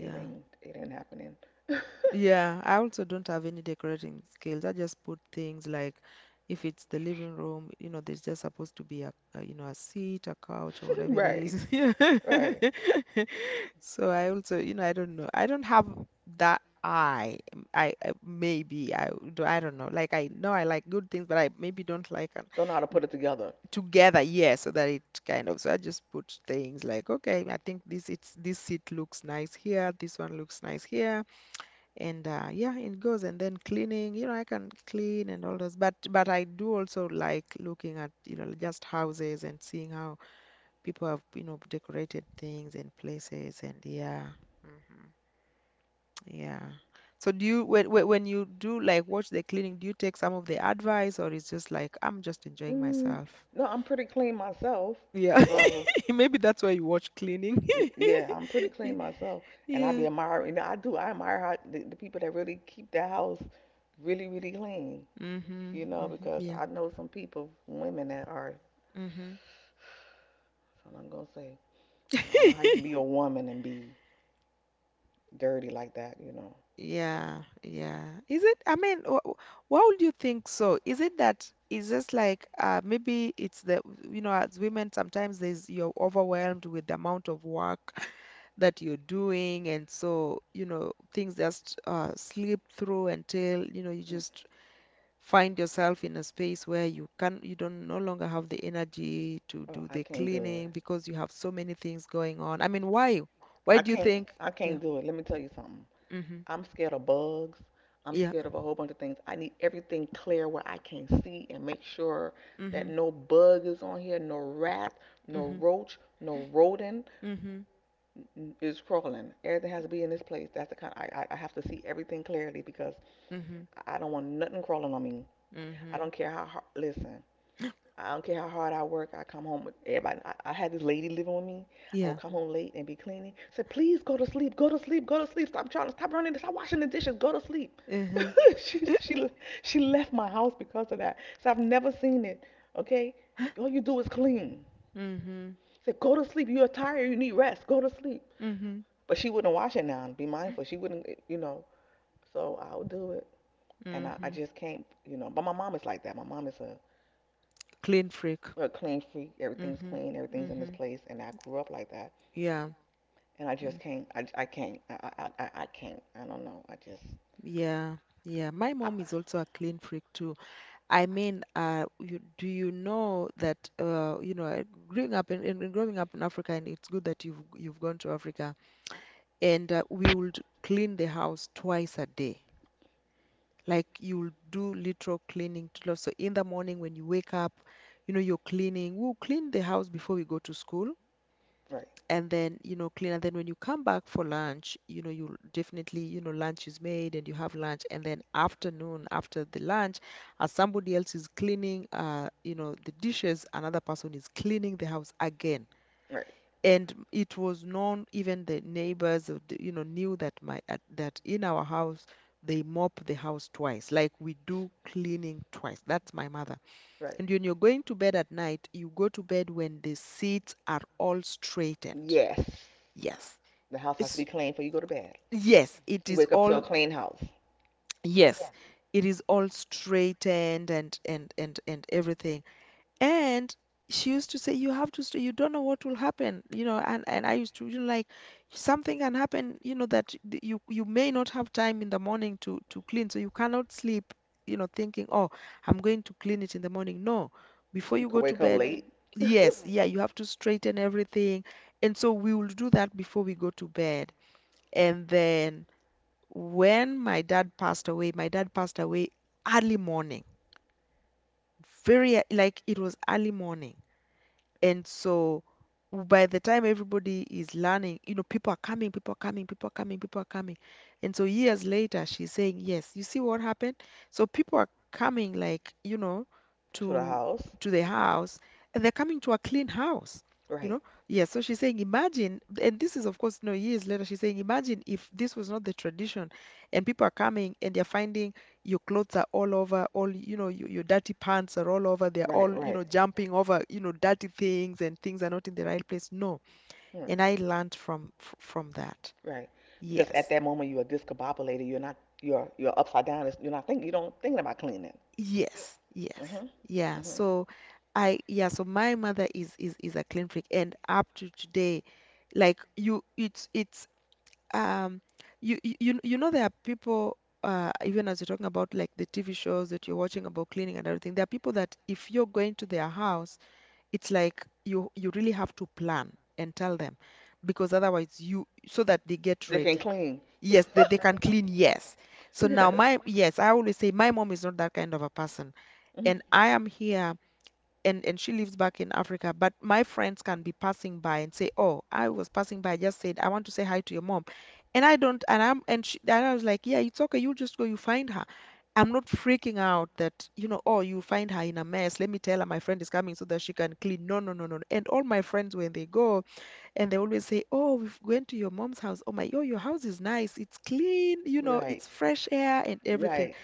Speaker 2: it it ain't happening.
Speaker 1: Yeah, I also don't have any decorating skills. I just put things like, if it's the living room, you know, there's just supposed to be a a seat, a couch, or whatever it
Speaker 2: Right.
Speaker 1: is.
Speaker 2: Right.
Speaker 1: So I also, you know. I don't have that eye. I, maybe I do. I don't know. Like, I know I like good things, but I maybe don't like
Speaker 2: Don't know how to put it together.
Speaker 1: together. Yeah, so that it kind of. So I just put things like, okay, I think this seat looks nice here. This one looks nice here, and yeah, it goes. And then cleaning, you know, I can clean and all those, but I do also like looking at, you know, just houses and seeing how people have, you know, decorated things and places. And yeah, hmm, yeah. So do you, when you do like watch the cleaning, do you take some of the advice, or it's just like I'm just enjoying
Speaker 2: Mm,
Speaker 1: myself?
Speaker 2: no, I'm pretty clean myself.
Speaker 1: Yeah.
Speaker 2: So
Speaker 1: Maybe that's why you watch cleaning.
Speaker 2: yeah, I'm pretty clean myself, and I
Speaker 1: Yeah.
Speaker 2: be admiring. You know, I do. I admire how the people that really keep their house really, really clean.
Speaker 1: Mm-hmm,
Speaker 2: You know,
Speaker 1: mm-hmm,
Speaker 2: because
Speaker 1: yeah.
Speaker 2: I know some people, women that are. That's all I'm gonna say. I don't know how you
Speaker 1: Mm-hmm.
Speaker 2: can be a woman and be dirty like that, you know.
Speaker 1: Yeah, yeah. Is it, I mean, why would you think so? Is it that it's just like, maybe it's you know, as women, sometimes there's you're overwhelmed with the amount of work that you're doing, and so, you know, things just slip through until, you know, you
Speaker 2: Mm,
Speaker 1: just find yourself in a space where you can, you don't no longer have the energy to
Speaker 2: oh,
Speaker 1: do
Speaker 2: I
Speaker 1: the
Speaker 2: can't do it.
Speaker 1: cleaning because you have so many things going on. I mean, why? Why
Speaker 2: I
Speaker 1: do you
Speaker 2: can't.
Speaker 1: think?
Speaker 2: I
Speaker 1: Yeah.
Speaker 2: can't do it. Let me tell you something.
Speaker 1: Mm-hmm.
Speaker 2: I'm scared of bugs. I'm
Speaker 1: Yeah.
Speaker 2: scared of a whole bunch of things. I need everything clear where I can see and make sure that
Speaker 1: Mm-hmm.
Speaker 2: no bug is on here, no rat, no
Speaker 1: Mm-hmm.
Speaker 2: roach, no rodent
Speaker 1: Mhm.
Speaker 2: is crawling. Everything has to be in this place. That's the kind. Of I have to see everything clearly because
Speaker 1: Mhm.
Speaker 2: I don't want nothing crawling on me. I
Speaker 1: Mhm.
Speaker 2: don't care how hard. Listen, I don't care how hard I work. I come home with everybody. I had this lady living with me. I would
Speaker 1: Yeah.
Speaker 2: come home late and be cleaning. I said, please go to sleep. Go to sleep. Go to sleep. Stop trying to stop running. This, stop washing the dishes. Go to sleep.
Speaker 1: Mhm.
Speaker 2: she she she left my house because of that. So I've never seen it. Okay, all you do is clean.
Speaker 1: Mhm.
Speaker 2: I said, go to sleep. You're tired. You need rest. Go to sleep.
Speaker 1: Mhm.
Speaker 2: But she wouldn't wash it now. Be mindful. She wouldn't. You know. So I'll do it. And I
Speaker 1: Mhm.
Speaker 2: just can't. You know. But my mom is like that. My mom is a
Speaker 1: Clean freak.
Speaker 2: we're clean freak. Everything's
Speaker 1: Mhm.
Speaker 2: clean. Everything's in this
Speaker 1: Mhm.
Speaker 2: place. And I grew up like that.
Speaker 1: Yeah.
Speaker 2: And I just
Speaker 1: Mm.
Speaker 2: can't. I can't. I can't. I don't know. I just.
Speaker 1: Yeah, yeah. My
Speaker 2: I,
Speaker 1: mom is also a clean freak too. I mean, you, do you know that, growing up in, in growing up in Africa, and it's good that you've gone to Africa, and we would clean the house twice a day. Like, you'll do literal cleaning to lot. So in the morning when you wake up, you know, you're cleaning. We'll clean the house before we go to school,
Speaker 2: right.
Speaker 1: and then, you know, clean. And then when you come back for lunch, you know, you'll definitely, you know, lunch is made and you have lunch. And then afternoon, after the lunch, as somebody else is cleaning, you know, the dishes, another person is cleaning the house again.
Speaker 2: Right.
Speaker 1: And it was known, even the neighbors you know, knew that that in our house they mop the house twice, like we do cleaning twice. That's my mother.
Speaker 2: Right.
Speaker 1: And when you're going to bed at night, you go to bed when the seats are all straightened.
Speaker 2: Yes.
Speaker 1: Yes.
Speaker 2: The house has to be
Speaker 1: it's
Speaker 2: clean before you go to bed.
Speaker 1: yes it
Speaker 2: You
Speaker 1: is
Speaker 2: wake up to
Speaker 1: all
Speaker 2: a clean house.
Speaker 1: Yes, it is all straightened, and everything. And she used to say, "You have to stay. You don't know what will happen, you know." And I used to, you know, like, something can happen, you know, that you, may not have time in the morning to clean, so you cannot sleep, you know, thinking, "Oh, I'm going to clean it in the morning." No, before
Speaker 2: You
Speaker 1: you
Speaker 2: could
Speaker 1: go to
Speaker 2: wake up
Speaker 1: bed,
Speaker 2: late to
Speaker 1: yes, yeah, you have to straighten everything, and so we will do that before we go to bed. And then when my dad passed away, my dad passed away early morning, very, like, it was early morning. And so by the time everybody is learning, you know, people are coming, people are coming, people are coming, people are coming. And so years later, she's saying, "Yes, you see what happened? So people are coming, like, you know,
Speaker 2: the
Speaker 1: to
Speaker 2: house.
Speaker 1: the house, and they're coming to a clean house." You
Speaker 2: Right.
Speaker 1: know, yeah, so she's saying, imagine, and this is, of course, no, years later, she's saying, imagine if this was not the tradition and people are coming and they're finding your clothes are all over, all, you know, your dirty pants are all over, they're
Speaker 2: Right.
Speaker 1: all, you
Speaker 2: Right.
Speaker 1: know, jumping over, you know, dirty things, and things are not in the right place. No.
Speaker 2: Hmm,
Speaker 1: And I learned from that.
Speaker 2: right. Because at
Speaker 1: Yes.
Speaker 2: that moment you are discombobulated. You're not. You're upside down. It's- You're not thinking. You don't thinking about cleaning.
Speaker 1: Yes
Speaker 2: Mhm.
Speaker 1: yeah.
Speaker 2: Mhm.
Speaker 1: So I, yeah, so my mother is a clean freak, and up to today, like, you, it's, um, you, know there are people, even as you're talking about like the TV shows that you're watching about cleaning and everything, there are people that if you're going to their house, it's like you, really have to plan and tell them, because otherwise, you, so that they get
Speaker 2: They can
Speaker 1: ready.
Speaker 2: not clean.
Speaker 1: Yes, they can clean. Yes. So now
Speaker 2: Yes.
Speaker 1: my, yes, I always say my mom is not that kind of a person,
Speaker 2: Mhm.
Speaker 1: and I am here, and she lives back in Africa, but my friends can be passing by and say, "Oh, I was passing by. I just said I want to say hi to your mom," and I don't, and I'm, and, she, and I was like, "Yeah, it's okay. You just go. You find her." I'm not freaking out that, you know, oh, you find her in a mess. Let me tell her my friend is coming so that she can clean. No, no, no, no, no. And all my friends, when they go, and they always say, oh, we've went to your mom's house. Oh my, yo, your house is nice. It's clean, you know,
Speaker 2: Right.
Speaker 1: it's fresh air and everything.
Speaker 2: Right,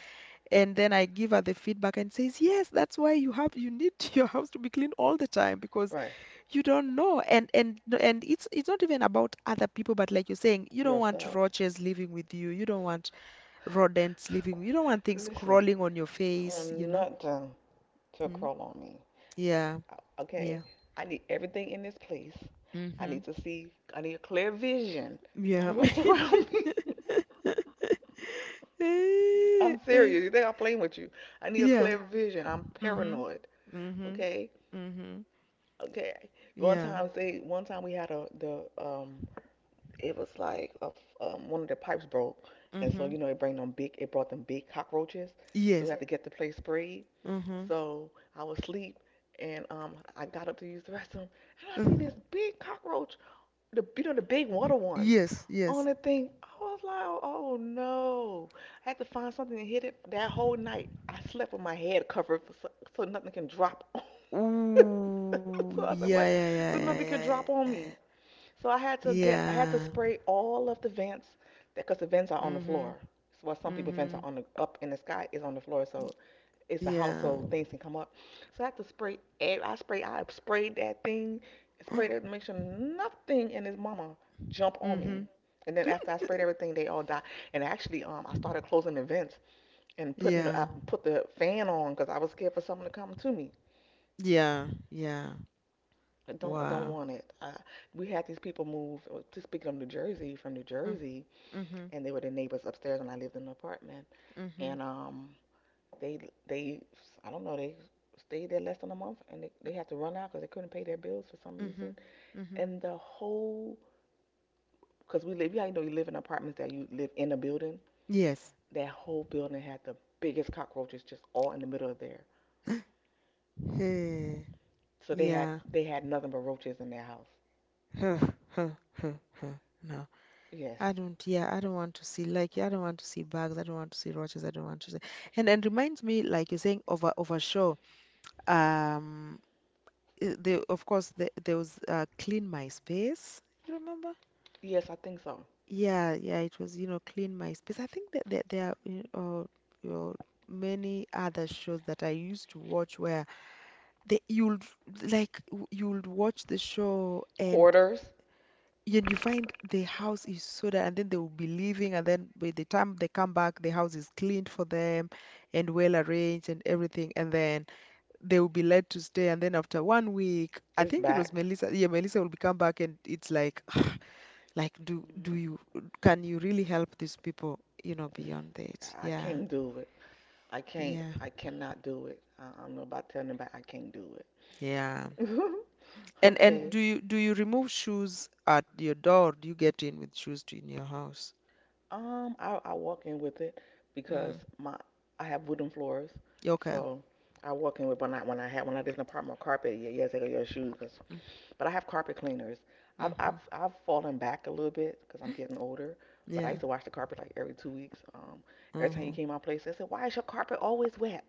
Speaker 1: And then I give her the feedback and says, "Yes, that's why you have, you need, your house to be clean all the time, because
Speaker 2: right.
Speaker 1: you don't know." And it's, not even about other people, but like you're saying, you don't want
Speaker 2: Yourself.
Speaker 1: roaches living with you, you don't want rodents living, you don't want things
Speaker 2: Listen,
Speaker 1: crawling on your
Speaker 2: I want
Speaker 1: face, you know.
Speaker 2: nothing to
Speaker 1: Mm.
Speaker 2: crawl on me.
Speaker 1: Yeah,
Speaker 2: I- Okay?
Speaker 1: yeah.
Speaker 2: I need everything in this place. I
Speaker 1: Hmm.
Speaker 2: need to see, I need a clear vision of
Speaker 1: Yeah.
Speaker 2: what's around me.
Speaker 1: Eh,
Speaker 2: I'm
Speaker 1: eh.
Speaker 2: serious. You think I'm playing with you? I need a
Speaker 1: Yeah.
Speaker 2: clear vision. I'm
Speaker 1: Mm-hmm.
Speaker 2: paranoid.
Speaker 1: Mm-hmm.
Speaker 2: Okay?
Speaker 1: Mm-hmm.
Speaker 2: Okay.
Speaker 1: Yeah.
Speaker 2: One time we had a, the, it was like a, one of the pipes broke. And so,
Speaker 1: Mm-hmm.
Speaker 2: you know, it brought them big cockroaches. So we
Speaker 1: Yes.
Speaker 2: had to get the place sprayed.
Speaker 1: Mm-hmm.
Speaker 2: So I was asleep and I got up to use the restroom and I
Speaker 1: Uh,
Speaker 2: see this big cockroach, the you know the big water ones,
Speaker 1: yes,
Speaker 2: on
Speaker 1: yes.
Speaker 2: the thing. I was like, oh no! I had to find something to hit it. That whole night I slept with my head covered for, so, so nothing can drop. On.
Speaker 1: Ooh,
Speaker 2: So I
Speaker 1: yeah,
Speaker 2: said, what?
Speaker 1: yeah, yeah, yeah,
Speaker 2: So nothing
Speaker 1: yeah,
Speaker 2: can
Speaker 1: yeah.
Speaker 2: drop on me. So
Speaker 1: Yeah. Yeah.
Speaker 2: I had to spray all of the vents, because the vents are on the
Speaker 1: Mhm.
Speaker 2: floor. So while some people
Speaker 1: Mhm.
Speaker 2: vents are on the, up in the sky, is on the floor. So it's a
Speaker 1: Yeah.
Speaker 2: household. Things can come up. So I have to spray. I spray. I sprayed that thing. Sprayed it to make sure nothing in his mama jump on
Speaker 1: Mhm.
Speaker 2: me. And then after I sprayed everything, they all died. And actually, I started closing vents and putting.
Speaker 1: Yeah.
Speaker 2: The, I put the fan on because I was scared for someone to come to me.
Speaker 1: Yeah. Yeah.
Speaker 2: I don't. I don't
Speaker 1: Wow.
Speaker 2: want it. We had these people move. To speaking of New Jersey, from New
Speaker 1: Mm.
Speaker 2: Jersey,
Speaker 1: Mhm.
Speaker 2: and they were the neighbors upstairs when I lived in an apartment.
Speaker 1: Mhm.
Speaker 2: And they they I don't know they stayed there less than a month and they had to run out because they couldn't pay their bills for some reason.
Speaker 1: Mhm. Mhm.
Speaker 2: And the whole because we live, yeah, you know, you live in apartments that you live in a building.
Speaker 1: Yes.
Speaker 2: That whole building had the biggest cockroaches just all in the middle of there.
Speaker 1: Hey.
Speaker 2: So
Speaker 1: Yeah.
Speaker 2: they had nothing but roaches in their house.
Speaker 1: Huh. Huh. Huh. Huh. No.
Speaker 2: Yes,
Speaker 1: I don't. Yeah. I don't want to see. Like. I don't want to see bugs. I don't want to see roaches. I don't want to see. And reminds me, like you're saying, over, over shore. Um, there, of course, there was, Clean My Space. You remember?
Speaker 2: yes, I think so.
Speaker 1: Yeah, yeah, it was, you know, Clean My Space. I think that there are, you know, you know, many other shows that I used to watch where they you'd, like, you'd watch the show, and
Speaker 2: Hoarders
Speaker 1: you find the house is so that, and then they will be leaving, and then by the time they come back, the house is cleaned for them and well arranged and everything. And then they will be led to stay, and then after 1 week, I
Speaker 2: is
Speaker 1: think it was
Speaker 2: back.
Speaker 1: Melissa, yeah, Melissa will be come back, and it's like like, do you, can you really help these people, you know, beyond that?
Speaker 2: I
Speaker 1: Yeah.
Speaker 2: can't do it. I can't.
Speaker 1: Yeah.
Speaker 2: I cannot do it. I don't about telling them, but I can't do
Speaker 1: Yeah.
Speaker 2: it.
Speaker 1: And
Speaker 2: Okay.
Speaker 1: do you, remove shoes at your door, or do you get in with shoes to in your house?
Speaker 2: I walk in with it because
Speaker 1: Mm.
Speaker 2: my I have wooden floors,
Speaker 1: Okay.
Speaker 2: so I walk in with when I did an apartment carpet. Yeah, yeah, take off your shoes, 'cause- but I have carpet cleaners. I've
Speaker 1: Mm-hmm.
Speaker 2: I've I've fallen back a little bit because I'm getting older. But I
Speaker 1: Yeah.
Speaker 2: used to wash the carpet like every 2 weeks. Every time you
Speaker 1: Mm-hmm.
Speaker 2: came to my place, they said, "Why is your carpet always wet?"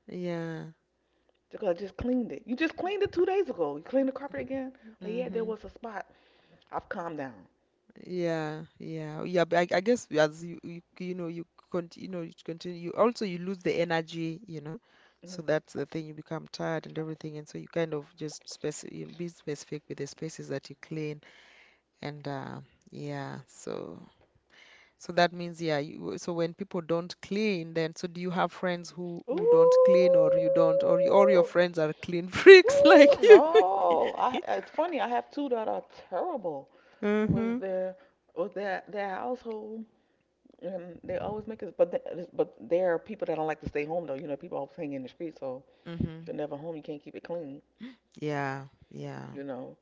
Speaker 1: Yeah.
Speaker 2: Because I just cleaned it. You just cleaned it 2 days ago. You cleaned the carpet again? Like, yeah, there
Speaker 1: Mm-hmm.
Speaker 2: was a spot. I've calmed down.
Speaker 1: Yeah, yeah, yeah. But I guess as you, you know, you continue, you know, you continue. You also you lose the energy, you know. So
Speaker 2: Hmm.
Speaker 1: that's the thing. You become tired and everything, and so you kind of just specific, you know, be specific with the spaces that you clean, and yeah. So, so that means yeah. You, so when people don't clean, then so do you have friends who don't
Speaker 2: Ooh.
Speaker 1: clean, or you don't, or you, or your friends are clean freaks like
Speaker 2: Woo,
Speaker 1: you?
Speaker 2: no, I, it's funny. I have two that are terrible
Speaker 1: Mm-hmm.
Speaker 2: with their with their household, and they always make it. But there are people that don't like to stay home, though. You know, people always hang in the street, so
Speaker 1: Mm-hmm.
Speaker 2: if you're never home, you can't keep it clean.
Speaker 1: Yeah, yeah.
Speaker 2: You know,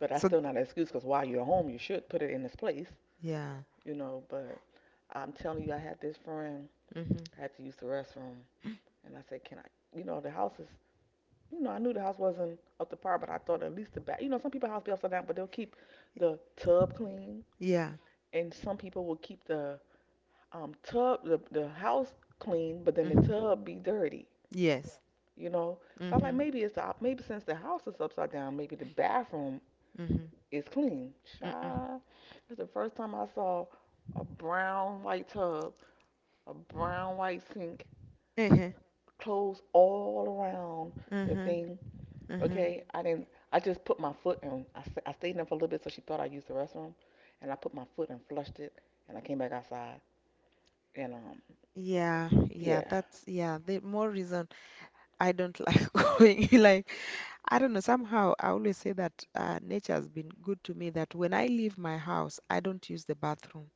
Speaker 2: but that's
Speaker 1: So
Speaker 2: still not an excuse because while you're home, you should put it in its place.
Speaker 1: yeah.
Speaker 2: You know, but I'm telling you, I had this friend.
Speaker 1: Mm-hmm.
Speaker 2: I had to use the restroom, and I said, "Can I?" You know, the house is, you know, I knew the house wasn't up to par, but I thought at least the back. You know, some people's house be upside down, but they'll keep the tub clean,
Speaker 1: Yeah.
Speaker 2: and some people will keep the tub, the house clean, but then the
Speaker 1: Mm.
Speaker 2: tub be dirty.
Speaker 1: Yes.
Speaker 2: You know, so I was like,
Speaker 1: Mm-hmm.
Speaker 2: maybe it's the, maybe since the house is upside down, maybe the bathroom
Speaker 1: Mm-hmm.
Speaker 2: is clean.
Speaker 1: Mm-mm.
Speaker 2: Child, that's the first time I saw a brown white tub, a brown white sink,
Speaker 1: Mm-hmm.
Speaker 2: clothes all around the
Speaker 1: Mm-hmm.
Speaker 2: thing.
Speaker 1: Mm-hmm.
Speaker 2: Okay, I didn't. I just put my foot, and I stayed in for a little bit, so she thought I used the restroom, and I put my foot and flushed it, and I came back outside, and
Speaker 1: Yeah. Yeah.
Speaker 2: yeah.
Speaker 1: That's yeah. The more reason I don't like going. Like I don't know. Somehow I always say that nature has been good to me, that when I leave my house, I don't use the bathroom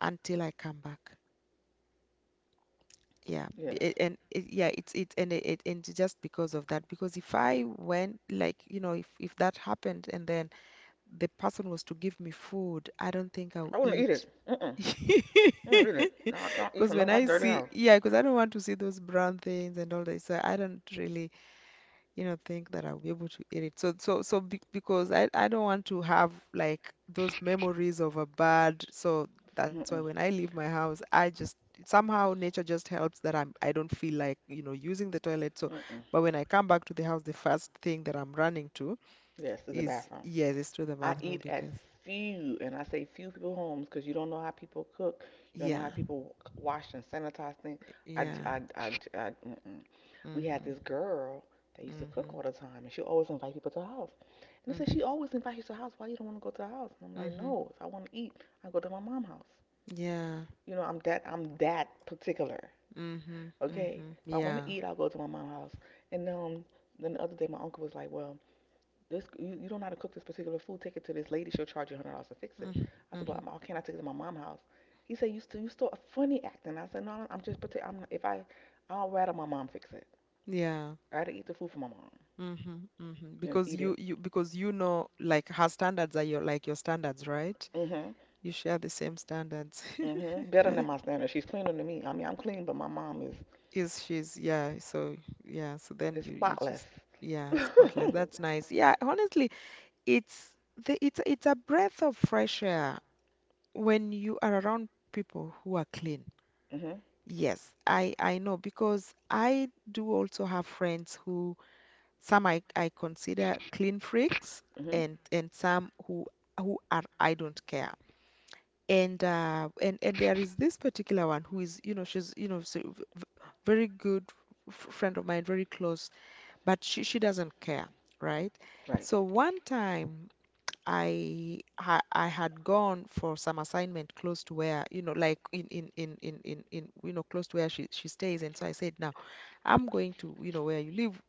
Speaker 1: until I come back.
Speaker 2: Yes,
Speaker 1: It's it and it's just because of that. Because if I went, like you know, if that happened and then the person was to give me food, I don't think I'll
Speaker 2: I wouldn't eat
Speaker 1: eat.
Speaker 2: it. Mm-mm, I wouldn't eat it. No, I don't eat
Speaker 1: Because
Speaker 2: from
Speaker 1: when
Speaker 2: no
Speaker 1: I
Speaker 2: dirty
Speaker 1: see,
Speaker 2: house.
Speaker 1: yeah, because I don't want to see those brown things and all that, so I don't really, you know, think that I'll be able to eat it. Because I don't want to have like those memories of a bad. So that's why
Speaker 2: Mm-mm,
Speaker 1: when I leave my house, I just somehow, nature just helps that I don't feel like, you know, using the toilet. So,
Speaker 2: mm-mm.
Speaker 1: but when I come back to the house, the first thing that I'm running to
Speaker 2: Yes, it's a
Speaker 1: is,
Speaker 2: bathroom.
Speaker 1: yes, it's to the
Speaker 2: I
Speaker 1: bathroom
Speaker 2: eat at
Speaker 1: because.
Speaker 2: few, and I say few people homes, 'cause you don't know how people cook, you don't know
Speaker 1: Yeah,
Speaker 2: how people wash and sanitize things. I, I,
Speaker 1: yeah.
Speaker 2: I, I, I, j- mm-mm. We had
Speaker 1: Mhm.
Speaker 2: this girl that used to cook
Speaker 1: Mhm.
Speaker 2: all the time, and she always invite people to her house. And they said,
Speaker 1: Mhm.
Speaker 2: she always invites you to her house. Why you don't want to go to her house? And I'm like,
Speaker 1: Mhm.
Speaker 2: no, if I want to eat, I go to my mom's house.
Speaker 1: Yeah.
Speaker 2: You know, I'm that particular.
Speaker 1: Mhm.
Speaker 2: Okay,
Speaker 1: Mhm.
Speaker 2: if I want to
Speaker 1: Yeah.
Speaker 2: eat, I'll go to my mom's house. And then the other day, my uncle was like, well, this you, you don't know how to cook this particular food. Take it to this lady. She'll charge you $100 to fix it.
Speaker 1: Mhm.
Speaker 2: I said,
Speaker 1: Mhm.
Speaker 2: but why can't I take it to my mom's house? He said, you still funny acting. I said, no, I'm just particular. I'm if I I'll rather my mom fix it.
Speaker 1: Yeah.
Speaker 2: I'd rather eat the food for my mom
Speaker 1: Mhm. Mhm.
Speaker 2: than
Speaker 1: Because
Speaker 2: eat
Speaker 1: you
Speaker 2: it.
Speaker 1: you because you know like her standards are your, like, your standards, right?
Speaker 2: Mhm,
Speaker 1: You share the same standards.
Speaker 2: mhm. Better than my standard. She's cleaner than me. I mean, I'm clean, but my mom is.
Speaker 1: So yeah, so then
Speaker 2: It's
Speaker 1: you
Speaker 2: spotless.
Speaker 1: just yeah, spotless. That's nice. Yeah, honestly, it's the it's a breath of fresh air when you are around people who are clean.
Speaker 2: Mhm.
Speaker 1: Yes, I know because I do also have friends who, some I consider clean freaks,
Speaker 2: Mhm.
Speaker 1: and some who are, I don't care. And there is this particular one who is, you know, she's, you know, so very good friend of mine, very close, but she doesn't care, right?
Speaker 2: Right.
Speaker 1: So one time I had gone for some assignment close to where, you know, like in you know, close to where she stays, and so I said, now I'm going to, you know, where you live.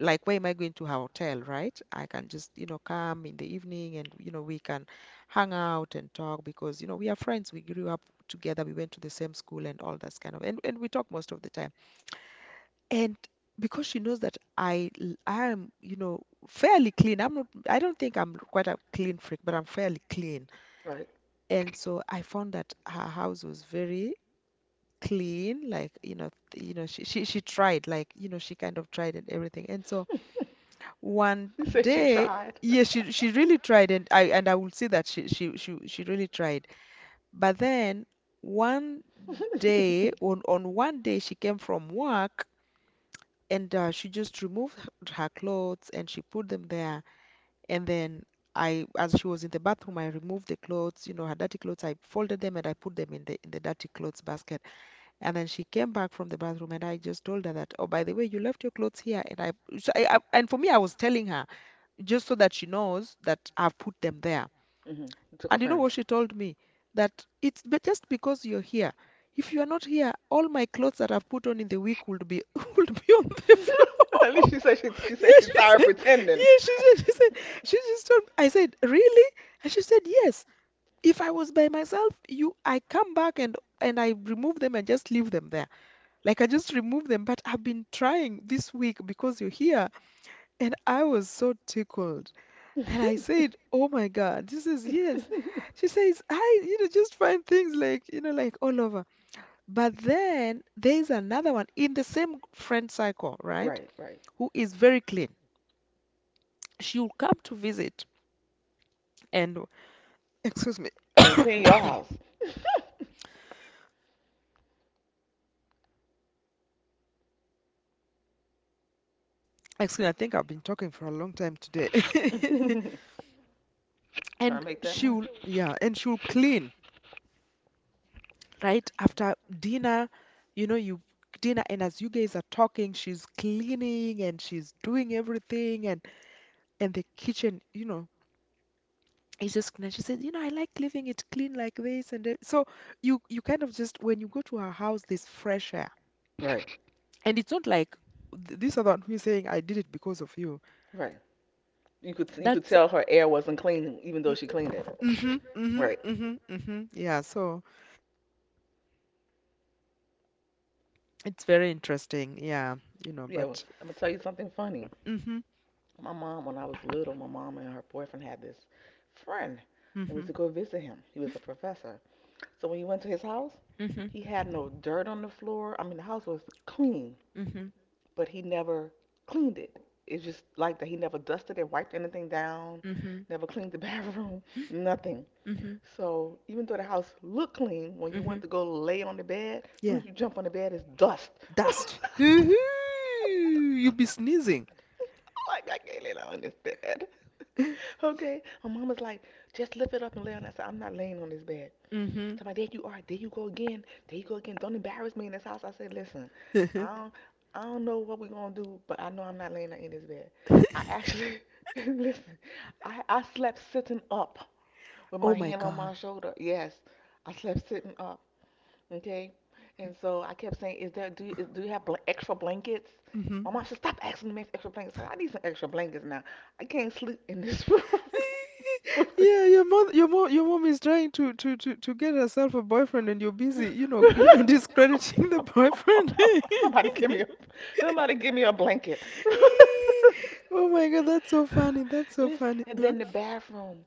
Speaker 1: Like, where am I going to? A hotel, right? I can just, you know, come in the evening and, you know, we can hang out and talk because, you know, we are friends. We grew up together. We went to the same school and all that kind of, and we talk most of the time. And because she knows that I am, you know, fairly clean. I don't think I'm quite a clean freak, but I'm fairly clean.
Speaker 2: Right.
Speaker 1: And so I found that her house was very clean, like, you know, you know, she tried, like, you know, she kind of tried and everything. And so One
Speaker 2: She said she
Speaker 1: day,
Speaker 2: tried.
Speaker 1: yeah, she really tried, and I will say that she really tried. But then one day, on one day, she came from work and she just removed her her clothes and she put them there. And then I, as she was in the bathroom, I removed the clothes, you know, her dirty clothes. I folded them and I put them in the dirty clothes basket. And then she came back from the bathroom and I just told her that, oh, by the way, you left your clothes here. And I, so I And for me, I was telling her just so that she knows that I've put them there.
Speaker 2: Mhm. She took
Speaker 1: And you know what
Speaker 2: offense.
Speaker 1: she told me? That just because you're here. If you are not here, all my clothes that I've put on in the week would be would be on the
Speaker 2: At
Speaker 1: floor.
Speaker 2: least she said
Speaker 1: Yeah,
Speaker 2: she's
Speaker 1: she
Speaker 2: tired
Speaker 1: said.
Speaker 2: pretending.
Speaker 1: Yeah, she said. She said. She just told me. I said, really? And she said, yes. If I was by myself, you, I come back and I remove them and just leave them there. Like I just remove them. But I've been trying this week because you're here, and I was so tickled. And I said, oh my God, this is yes. She says, I, you know, just find things like, you know, like all over. But then there's another one in the same friend cycle, right?
Speaker 2: Right. Right.
Speaker 1: Who is very clean. She'll come to visit and, excuse me,
Speaker 2: And clean your house.
Speaker 1: excuse me, I think I've been talking for a long time today.
Speaker 2: Trying to
Speaker 1: And
Speaker 2: make that money.
Speaker 1: she'll, yeah, and she'll clean right after dinner. You know, you dinner, and as you guys are talking, she's cleaning and she's doing everything. And the kitchen, you know, is just clean. She said, you know, I like leaving it clean like this. And that. So you kind of just, when you go to her house, there's fresh air,
Speaker 2: Right.
Speaker 1: and it's not like this other one who is saying I did it because of you.
Speaker 2: Right. You could
Speaker 1: That's
Speaker 2: tell her air wasn't clean even though
Speaker 1: mm,
Speaker 2: she cleaned it.
Speaker 1: mm-hmm, mm-hmm,
Speaker 2: Right. Yeah.
Speaker 1: mm-hmm, mm-hmm. Yeah, so it's very interesting. Yeah, you know,
Speaker 2: It was,
Speaker 1: but
Speaker 2: I'm gonna tell you something funny.
Speaker 1: mm-hmm,
Speaker 2: My mom, when I was little, my mom and her boyfriend had this friend, and we used
Speaker 1: mm-hmm,
Speaker 2: to go visit him. He was a professor. So when you went to his house,
Speaker 1: mm-hmm,
Speaker 2: he had no dirt on the floor. I mean, the house was clean,
Speaker 1: mm-hmm,
Speaker 2: but he never cleaned it. It's just like that. He never dusted it, wiped anything down,
Speaker 1: mm-hmm,
Speaker 2: never cleaned the bathroom, nothing.
Speaker 1: mm-hmm,
Speaker 2: So even though the house looked clean, when you
Speaker 1: mm-hmm.
Speaker 2: went to go lay on the bed, as soon
Speaker 1: Yeah,
Speaker 2: as you jump on the bed, it's dust. Like,
Speaker 1: dust. You'll be sneezing.
Speaker 2: I can't lay down on this bed. Okay. My mama's like, just lift it up and lay on that side. I'm not laying on this bed.
Speaker 1: Mm-hmm.
Speaker 2: So I'm like, there you are, there you go again, there you go again. Don't embarrass me in this house. I said, listen, I don't, I don't know what we're gonna do, but I know I'm not laying in this bed. I actually, listen, I slept sitting up with
Speaker 1: Oh
Speaker 2: my
Speaker 1: my
Speaker 2: hand on my
Speaker 1: God.
Speaker 2: shoulder. Yes, I slept sitting up. Okay, and so I kept saying, is there, do you, is, do you have bl- extra blankets?
Speaker 1: Hmm.
Speaker 2: My mom said, stop asking me for extra blankets. I said, I need some extra blankets now. I can't sleep in this room with this.
Speaker 1: Yeah, your mom is trying to get herself a boyfriend, and you're busy, you know, discrediting the boyfriend.
Speaker 2: Somebody give me a, somebody give me a blanket.
Speaker 1: Oh my God, that's so funny. That's so
Speaker 2: Listen,
Speaker 1: funny.
Speaker 2: and
Speaker 1: Huh?
Speaker 2: then the bathroom.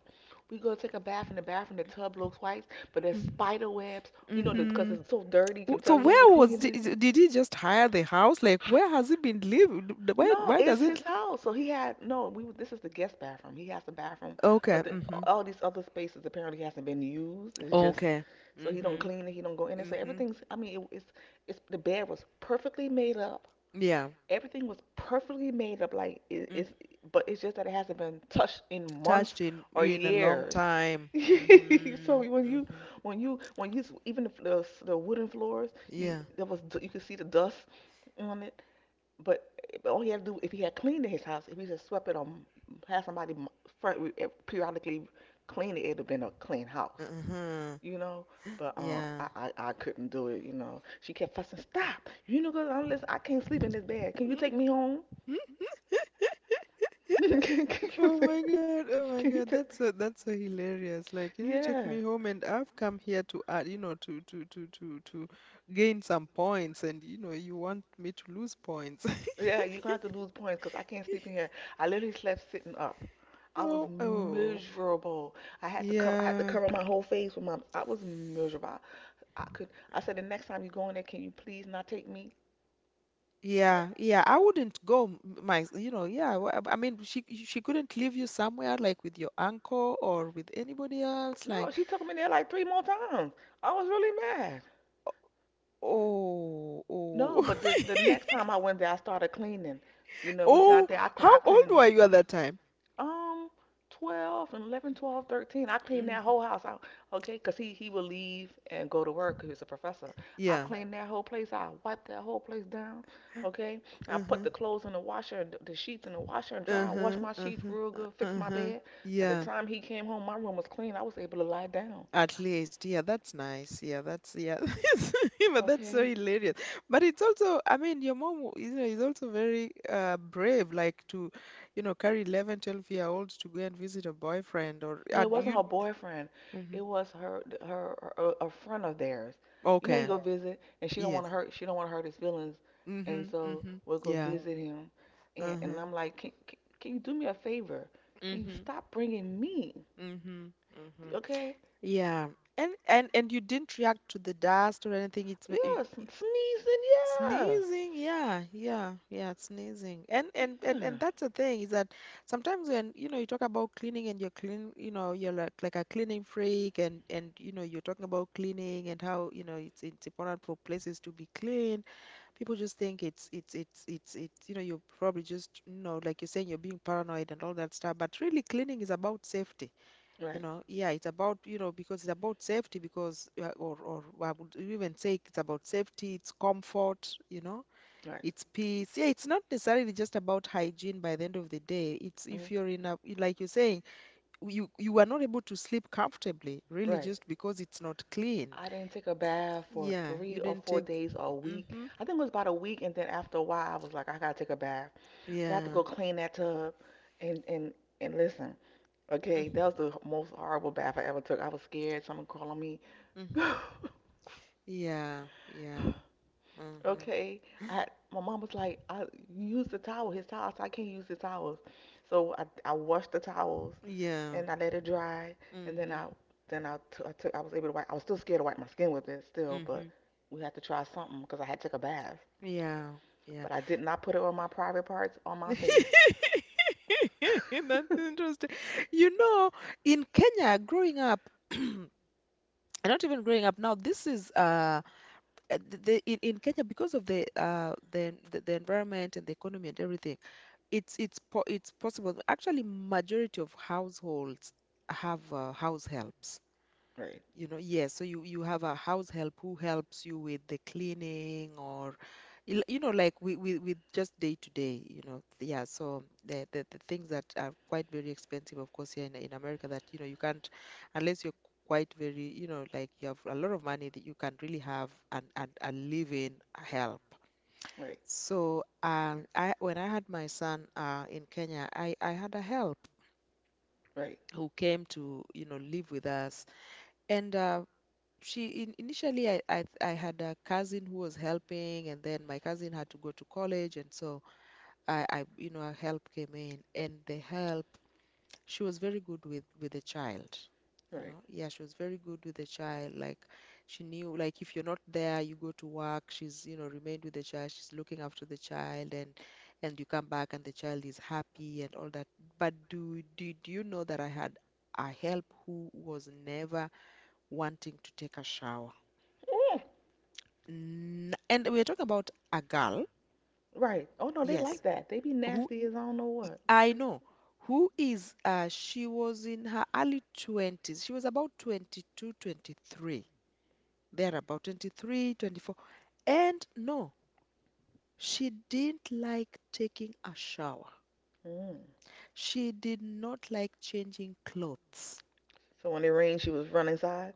Speaker 2: We go take a bath in the bathroom. The tub looks white, but there's spider webs. You know, because
Speaker 1: Mm-hmm.
Speaker 2: it's so dirty, you can
Speaker 1: So
Speaker 2: tell you had to
Speaker 1: where was
Speaker 2: clean it.
Speaker 1: did he just hire the house? Like, where has he been living?
Speaker 2: No,
Speaker 1: Why
Speaker 2: it's
Speaker 1: does
Speaker 2: his
Speaker 1: it?
Speaker 2: house. So he had no. We, this is the guest bathroom. He has the bathroom, but
Speaker 1: Okay.
Speaker 2: the,
Speaker 1: Mm-hmm.
Speaker 2: all these other spaces apparently hasn't been used. It's just,
Speaker 1: Okay.
Speaker 2: so he don't
Speaker 1: Mm-hmm.
Speaker 2: clean it. He don't go in it. So
Speaker 1: Mm-hmm.
Speaker 2: everything's. I mean, it, it's the bed was perfectly made up.
Speaker 1: Yeah.
Speaker 2: Everything was perfectly made up. Like it,
Speaker 1: Mm.
Speaker 2: it's, but it's just that it hasn't been touched in months
Speaker 1: Touched in
Speaker 2: or
Speaker 1: you in a long
Speaker 2: years.
Speaker 1: time. Mm-hmm.
Speaker 2: So when you,
Speaker 1: Mm-hmm.
Speaker 2: when you, when you, even the wooden floors, you,
Speaker 1: Yeah.
Speaker 2: there was, you could see the dust on it. But but all he had to do, if he had cleaned his house, if he just swept it or had somebody m- fr- periodically clean it, it'd have been a clean house,
Speaker 1: Uh-huh.
Speaker 2: you know. But
Speaker 1: Yeah.
Speaker 2: I couldn't do it, you know. She kept fussing. Stop! You know, girl, I'm, listen, I can't sleep in this bed. Can you take me home? Can you take?
Speaker 1: Oh my
Speaker 2: Can you
Speaker 1: God,
Speaker 2: take?
Speaker 1: that's so, that's so hilarious. Like, can you take
Speaker 2: Yeah,
Speaker 1: me home? And I've come here to add, you know, to gain some points, and you know, you want me to lose points.
Speaker 2: yeah. You're gonna have to lose points 'cause I can't sleep in here. I literally slept sitting up. I was
Speaker 1: Oh, oh,
Speaker 2: miserable. I had to cover. I had to
Speaker 1: yeah,
Speaker 2: cover my whole face with my. I was miserable. I could. I said, the next time you go in there, can you please not take me?
Speaker 1: yeah, yeah. I wouldn't go, my, you know, I mean, she couldn't leave you somewhere, like with your uncle or with anybody else.
Speaker 2: No,
Speaker 1: Like,
Speaker 2: she took me there like three more times. I was really mad.
Speaker 1: oh,
Speaker 2: No,
Speaker 1: oh.
Speaker 2: but the next time I went there, I started cleaning. You know, we
Speaker 1: Oh,
Speaker 2: got there. I
Speaker 1: how old were
Speaker 2: cleaned
Speaker 1: you at that time?
Speaker 2: um 12 and 11, 12, 13. I cleaned
Speaker 1: Mm.
Speaker 2: that whole house out, okay, because he would leave and go to work 'cause he was a professor. I
Speaker 1: Yeah.
Speaker 2: cleaned that whole place out. I wiped that whole place down. Okay, I put the
Speaker 1: Uh-huh.
Speaker 2: clothes in the washer, and the sheets in the washer and dryer, washed
Speaker 1: Uh-huh.
Speaker 2: my sheets
Speaker 1: Uh-huh.
Speaker 2: real good, fixed my
Speaker 1: Uh-huh.
Speaker 2: bed. By the
Speaker 1: Yeah.
Speaker 2: time he came home, my room was clean. I was able to lie down.
Speaker 1: At least. Yeah, that's nice. Yeah, that's yeah. But that's so
Speaker 2: Okay.
Speaker 1: hilarious. But it's also, I mean, your mom, you know, is also very brave, like to, you know, carry 11, 12 year olds to go and visit a boyfriend, or
Speaker 2: No, it
Speaker 1: do
Speaker 2: wasn't
Speaker 1: you.
Speaker 2: her boyfriend.
Speaker 1: Hmm.
Speaker 2: It was her, her, her a friend of theirs. You know, how you
Speaker 1: Okay.
Speaker 2: go. Okay, visit, and she don't want to
Speaker 1: Yes.
Speaker 2: hurt. She don't want to hurt his feelings, and
Speaker 1: Mm-hmm.
Speaker 2: so
Speaker 1: Mm-hmm.
Speaker 2: we'll go. Yeah,
Speaker 1: Yeah.
Speaker 2: visit him. And
Speaker 1: Uh-huh.
Speaker 2: I'm like, can you do me a favor? Can you
Speaker 1: Mm-hmm.
Speaker 2: stop bringing me?
Speaker 1: Mm-hmm. Mm-hmm.
Speaker 2: Okay?
Speaker 1: Yeah. And you didn't react to the dust or anything.
Speaker 2: Yeah, some sneezing. Yeah,
Speaker 1: Sneezing. Yeah, yeah, yeah, it's sneezing. And and and
Speaker 2: yeah.
Speaker 1: and that's the thing, is that sometimes when you know, you talk about cleaning and you're clean, you know, you're like a cleaning freak, and you know, you're talking about cleaning and how, you know, it's important for places to be clean. People just think it's you know, you're probably just, you know, like you're saying, you're being paranoid and all that stuff, but really cleaning is about safety, you
Speaker 2: Right,
Speaker 1: know. Yeah, it's about, you know, because it's about safety because, yeah, or I would even say it's about safety, it's comfort, you know,
Speaker 2: right,
Speaker 1: it's peace. Yeah, it's not necessarily just about hygiene. By the end of the day, it's
Speaker 2: mm,
Speaker 1: if you're in a, like you're saying, you are not able to sleep comfortably really
Speaker 2: right.
Speaker 1: just because it's not clean.
Speaker 2: I didn't take a bath for
Speaker 1: Yeah, you
Speaker 2: three or
Speaker 1: didn't
Speaker 2: four
Speaker 1: take.
Speaker 2: days or a week.
Speaker 1: Mm-hmm.
Speaker 2: I think it was about a week, and then after a while, I was like, I gotta take a bath. So I had to
Speaker 1: Yeah.
Speaker 2: go clean that tub, and and and listen. Okay,
Speaker 1: Mm-hmm.
Speaker 2: that was the most horrible bath I ever took. I was scared someone crawled on me.
Speaker 1: Yeah, yeah. Mm-hmm.
Speaker 2: Okay, I my mom was like, I you use the towel, his towels. I can't use the towels. So I washed the towels
Speaker 1: Yeah.
Speaker 2: and I let it dry, and then
Speaker 1: Mm-hmm.
Speaker 2: I, then I t- I took I was able to wipe. I was still scared to wipe my skin with it still, but
Speaker 1: Mm-hmm.
Speaker 2: we had to try something because I had took a bath.
Speaker 1: Yeah, yeah.
Speaker 2: But I did not put it on my private parts on my face.
Speaker 1: That's interesting. You know, in Kenya, growing up, and not even growing up, now, this is in Kenya, because of the environment and the economy and everything, it's po it's possible. Actually, majority of households have house helps.
Speaker 2: Right,
Speaker 1: You know, yes, so you have a house help who helps you with the cleaning or you know, like we with just day to day, you know. Yeah, so the, the things that are quite very expensive of course here in America, that you know, you can't unless you're quite very, you know, like you have a lot of money, that you can really have and a live-in help.
Speaker 2: right,
Speaker 1: So um, I when I had my son in Kenya, I had a help
Speaker 2: right,
Speaker 1: who came to, you know, live with us. And initially I had a cousin who was helping, and then my cousin had to go to college. And so I a help came in. And the help, she was very good with the child, you know. Yeah, she was very good with the child, like she knew, like, if you're not there, you go to work, she's, you know, remained with the child, she's looking after the child, and you come back and the child is happy and all that. But do you know that I had a help who was never wanting to take a shower?
Speaker 2: right.
Speaker 1: And we're talking about a girl,
Speaker 2: Right. Oh no, they like
Speaker 1: yes,
Speaker 2: that. They be
Speaker 1: who,
Speaker 2: nasty as I don't know what.
Speaker 1: I know, she was in her early 20s. She was about 22, 23. There about 23, 24. And no, she didn't like taking a shower.
Speaker 2: Mm.
Speaker 1: She did not like changing clothes.
Speaker 2: So when it rained, she was running inside.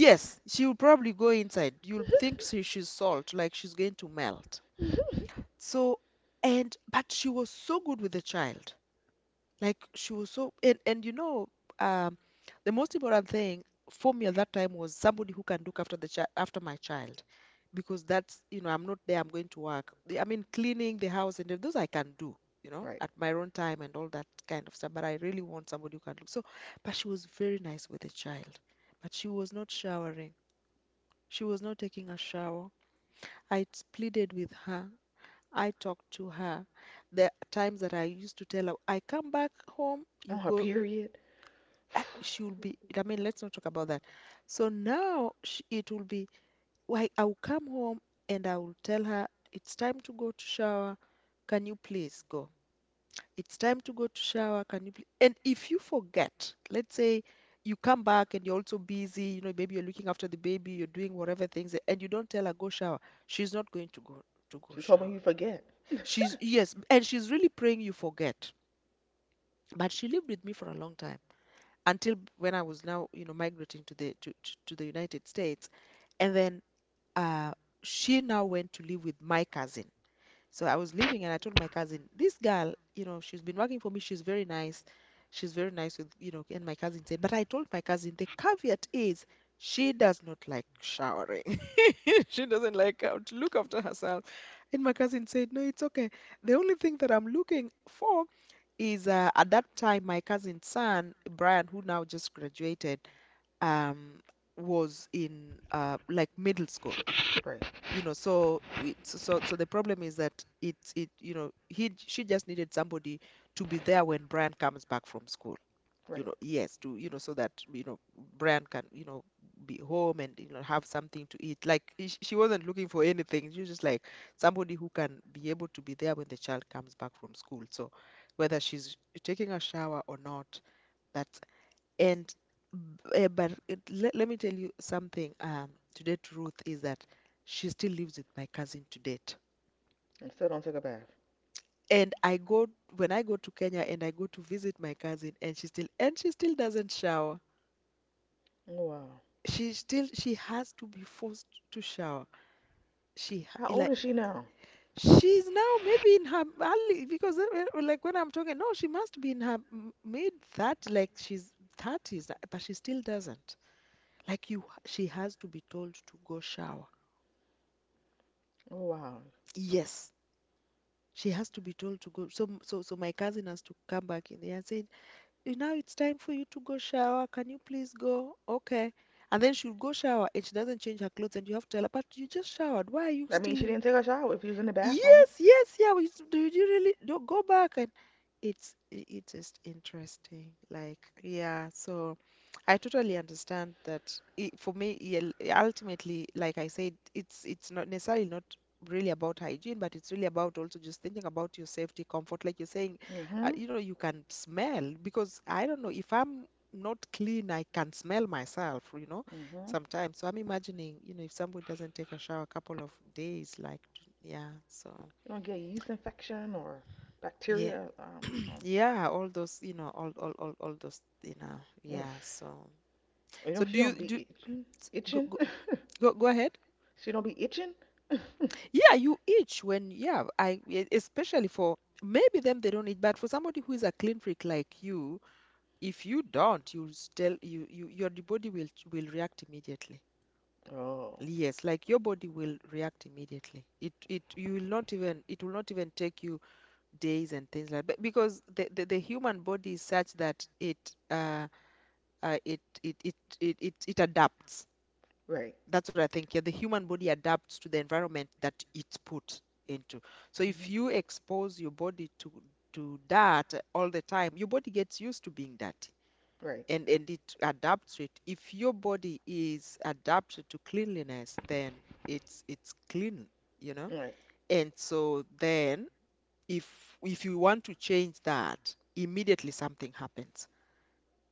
Speaker 1: Yes, she will probably go inside. You'll think she's salt, like she's going to melt. So, but she was so good with the child. Like she was so, and you know, um, the most important thing for me at that time was somebody who can look after the child, after my child, because that's you know I'm not there. I'm going to work. I mean, cleaning the house and those I can do. You know,
Speaker 2: Right.
Speaker 1: at my own time and all that kind of stuff. But I really want somebody who can look. So, but she was very nice with the child. But she was not showering. She was not taking a shower. I pleaded with her. I talked to her. The times that I used to tell her, I come back home,
Speaker 2: On
Speaker 1: you
Speaker 2: her
Speaker 1: go.
Speaker 2: period.
Speaker 1: She will be, I mean, let's not talk about that. It will be, why, I will come home and I will tell her, it's time to go to shower, can you please go? It's time to go to shower, can you please? And if you forget, let's say you come back and you're also busy, you know, maybe you're looking after the baby, you're doing whatever things, and you don't tell her go shower, she's not going to go
Speaker 2: She's hoping
Speaker 1: shower.
Speaker 2: you forget.
Speaker 1: She's, yes, and she's really praying you forget. But she lived with me for a long time, until when I was now, you know, migrating to the United States. And then uh, she now went to live with my cousin. So I was living, and I told my cousin, this girl, you know, she's been working for me, she's very nice. She's very nice with, you know. And my cousin said, but I told my cousin, the caveat is she does not like showering. She doesn't like how to look after herself. And my cousin said, no, it's okay. The only thing that I'm looking for is, at that time my cousin's son Brian, who now just graduated, um, was in, like, middle school.
Speaker 2: Right.
Speaker 1: You know, so we, so so so the problem is that it's it you know, he she just needed somebody to be there when Brian comes back from school, you
Speaker 2: Right.
Speaker 1: know. Yes, to, you know, so that, you know, Brian can, you know, be home and, you know, have something to eat. Like, she wasn't looking for anything, she was just like somebody who can be able to be there when the child comes back from school. So whether she's taking a shower or not, that's— and, but let me tell you something, to date, Ruth, is that she still lives with my cousin to date.
Speaker 2: And still don't take a bath.
Speaker 1: And I go, when I go to Kenya and I go to visit my cousin, and she still doesn't shower.
Speaker 2: Oh wow.
Speaker 1: She has to be forced to shower.
Speaker 2: How old
Speaker 1: Like,
Speaker 2: is she now?
Speaker 1: she's now maybe in her early, because, like when I'm talking, no, she must be in her mid 30, like she's 30s, but she still doesn't. Like, you, she has to be told to go shower.
Speaker 2: Oh wow.
Speaker 1: Yes, she has to be told to go. So my cousin has to come back in there and say, "You now it's time for you to go shower. Can you please go? Okay." And then she'll go shower and she doesn't change her clothes and you have to tell her, but you just showered, why are you
Speaker 2: That means
Speaker 1: still
Speaker 2: she didn't
Speaker 1: in—
Speaker 2: take a shower if she was in the bathroom.
Speaker 1: Yes, yes, yeah. We used to do, you really don't go back, and it's just interesting. Like, yeah, so I totally understand that for me, yeah, ultimately, like I said, it's not necessarily not really about hygiene, but it's really about also just thinking about your safety, comfort. Like you're saying,
Speaker 2: Mm-hmm.
Speaker 1: you know, you can smell, because I don't know, if I'm not clean, I can smell myself, you know,
Speaker 2: Mm-hmm.
Speaker 1: sometimes. So I'm imagining, you know, if somebody doesn't take a shower a couple of days, like, yeah, so
Speaker 2: She don't get yeast infection or
Speaker 1: yeah,
Speaker 2: bacteria.
Speaker 1: yeah, all those, you know, all those, you know,
Speaker 2: Mm.
Speaker 1: yeah. So,
Speaker 2: You know
Speaker 1: so
Speaker 2: she
Speaker 1: do
Speaker 2: don't
Speaker 1: you do
Speaker 2: be itching.
Speaker 1: go
Speaker 2: Itching.
Speaker 1: go ahead?
Speaker 2: She don't be itching.
Speaker 1: Yeah, you itch when— yeah, I especially for maybe them they don't eat, but for somebody who is a clean freak like you, if you don't, you, your body will react immediately.
Speaker 2: Oh.
Speaker 1: Yes, like your body will react immediately. It you will not even, take you days and things like that, because the human body is such that uh, uh it, it it it it adapts.
Speaker 2: Right.
Speaker 1: That's what I think. Yeah, the human body adapts to the environment that it's put into. So
Speaker 2: Mhm.
Speaker 1: if you expose your body to dirt all the time, your body gets used to being dirty,
Speaker 2: Right.
Speaker 1: and it adapts to it. If your body is adapted to cleanliness, then it's clean, you know.
Speaker 2: Right.
Speaker 1: And so then, if you want to change that, immediately something happens.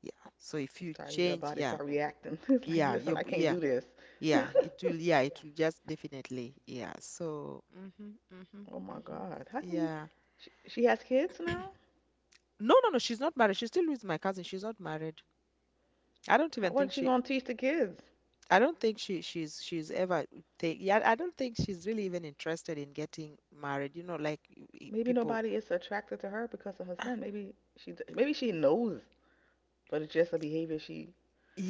Speaker 1: Yeah. So
Speaker 2: You
Speaker 1: if you
Speaker 2: start, your
Speaker 1: change,
Speaker 2: body
Speaker 1: yeah,
Speaker 2: start reacting. It's like,
Speaker 1: yeah,
Speaker 2: listen, I can't do
Speaker 1: yeah,
Speaker 2: this.
Speaker 1: yeah, it will just definitely, yeah. So mm-hmm, mm-hmm,
Speaker 2: Oh my
Speaker 1: mm-hmm.
Speaker 2: God. How can you?
Speaker 1: Yeah.
Speaker 2: She has kids now?
Speaker 1: No, no, no, she's not married. She's still with my cousin. She's not married. I don't
Speaker 2: How,
Speaker 1: even
Speaker 2: what's
Speaker 1: think
Speaker 2: she
Speaker 1: she—
Speaker 2: gonna teach the kids?
Speaker 1: she's ever think, yeah, I don't think she's really even interested in getting married. You know, like,
Speaker 2: Maybe
Speaker 1: people.
Speaker 2: nobody is attracted to her because of her son. Maybe she, d- maybe she knows, but it's just a behavior she.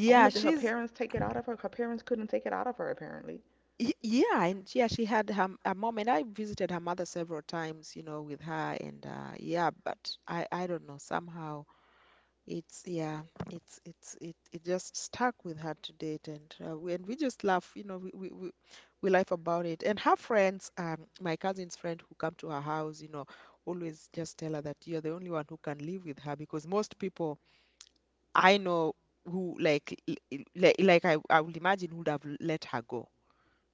Speaker 2: I wonder did her
Speaker 1: she's
Speaker 2: parents take it out of her? Her parents couldn't take it out of her apparently.
Speaker 1: yeah, and yeah, she had her a mom, and I visited her mother several times, you know, with her, and yeah, but I don't know somehow. It's yeah, it it just stuck with her to date, and we just laugh, you know, we laugh about it. And her friends, my cousin's friend who come to her house, you know, always just tell her that you're the only one who can live with her, because most people I know who, like I would imagine, would have let her go,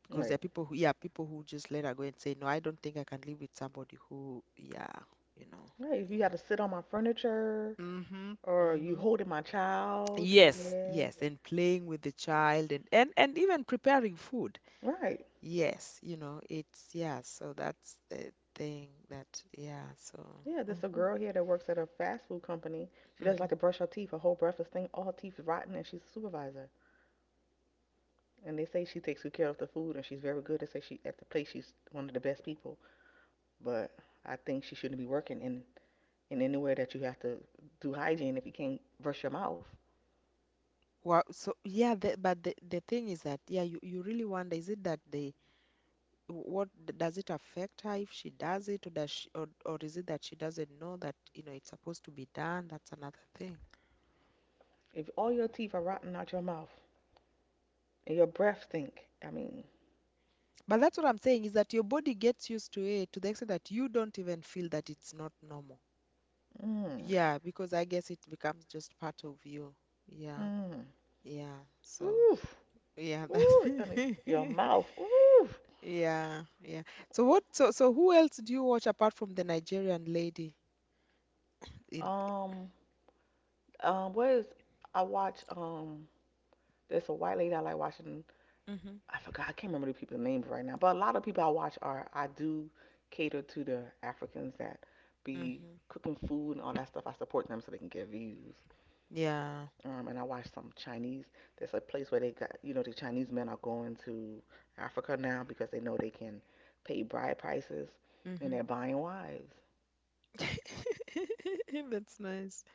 Speaker 1: because
Speaker 2: Right.
Speaker 1: there are people who, yeah, people who just let her go and say, no, I don't think I can live with somebody who, yeah, you know,
Speaker 2: Right. If you had
Speaker 1: yeah,
Speaker 2: to sit on my furniture
Speaker 1: mm-hmm,
Speaker 2: or you
Speaker 1: mm-hmm.
Speaker 2: holding my child.
Speaker 1: Yes,
Speaker 2: Yeah.
Speaker 1: yes, and playing with the child and even preparing food.
Speaker 2: Right.
Speaker 1: Yes, you know, it's, yeah, so that's the thing that, yeah, so.
Speaker 2: Yeah, there's a
Speaker 1: Mhm.
Speaker 2: girl here that works at a fast food company. She doesn't
Speaker 1: Mhm.
Speaker 2: like to brush her teeth. Her whole breakfast thing, all her teeth rotten, and she's a supervisor. And they say she takes good care of the food, and she's very good. They say she, at the place she's one of the best people. But I think she shouldn't be working in anywhere that you have to do hygiene if you can't brush your mouth.
Speaker 1: Well, so, yeah, but the thing is that, yeah, you really wonder, is it that they— what does it affect her if she does it? Or does she? Or is it that she doesn't know that, you know, it's supposed to be done? That's another thing.
Speaker 2: If all your teeth are rotten out your mouth and your breath stink, I mean,
Speaker 1: But that's what I'm saying, is that your body gets used to it to the extent that you don't even feel that it's not normal.
Speaker 2: mm,
Speaker 1: Yeah, because I guess it becomes just part of you. Yeah,
Speaker 2: mm,
Speaker 1: yeah. So,
Speaker 2: oof,
Speaker 1: yeah,
Speaker 2: ooh, I mean,
Speaker 1: that.
Speaker 2: your mouth, oof.
Speaker 1: Yeah, yeah. So what? So who else do you watch apart from the Nigerian lady in?
Speaker 2: Um, where is I watch There's a white lady I like watching.
Speaker 1: Mm-hmm,
Speaker 2: I forgot. I can't remember the people's names right now. But a lot of people I watch are, I do cater to the Africans that be
Speaker 1: mm-hmm.
Speaker 2: cooking food and all that stuff. I support them so they can get views.
Speaker 1: Yeah.
Speaker 2: And I watch some Chinese. There's a place where they got, you know, the Chinese men are going to Africa now because they know they can pay bride prices and
Speaker 1: Mm-hmm.
Speaker 2: they're buying wives.
Speaker 1: That's nice.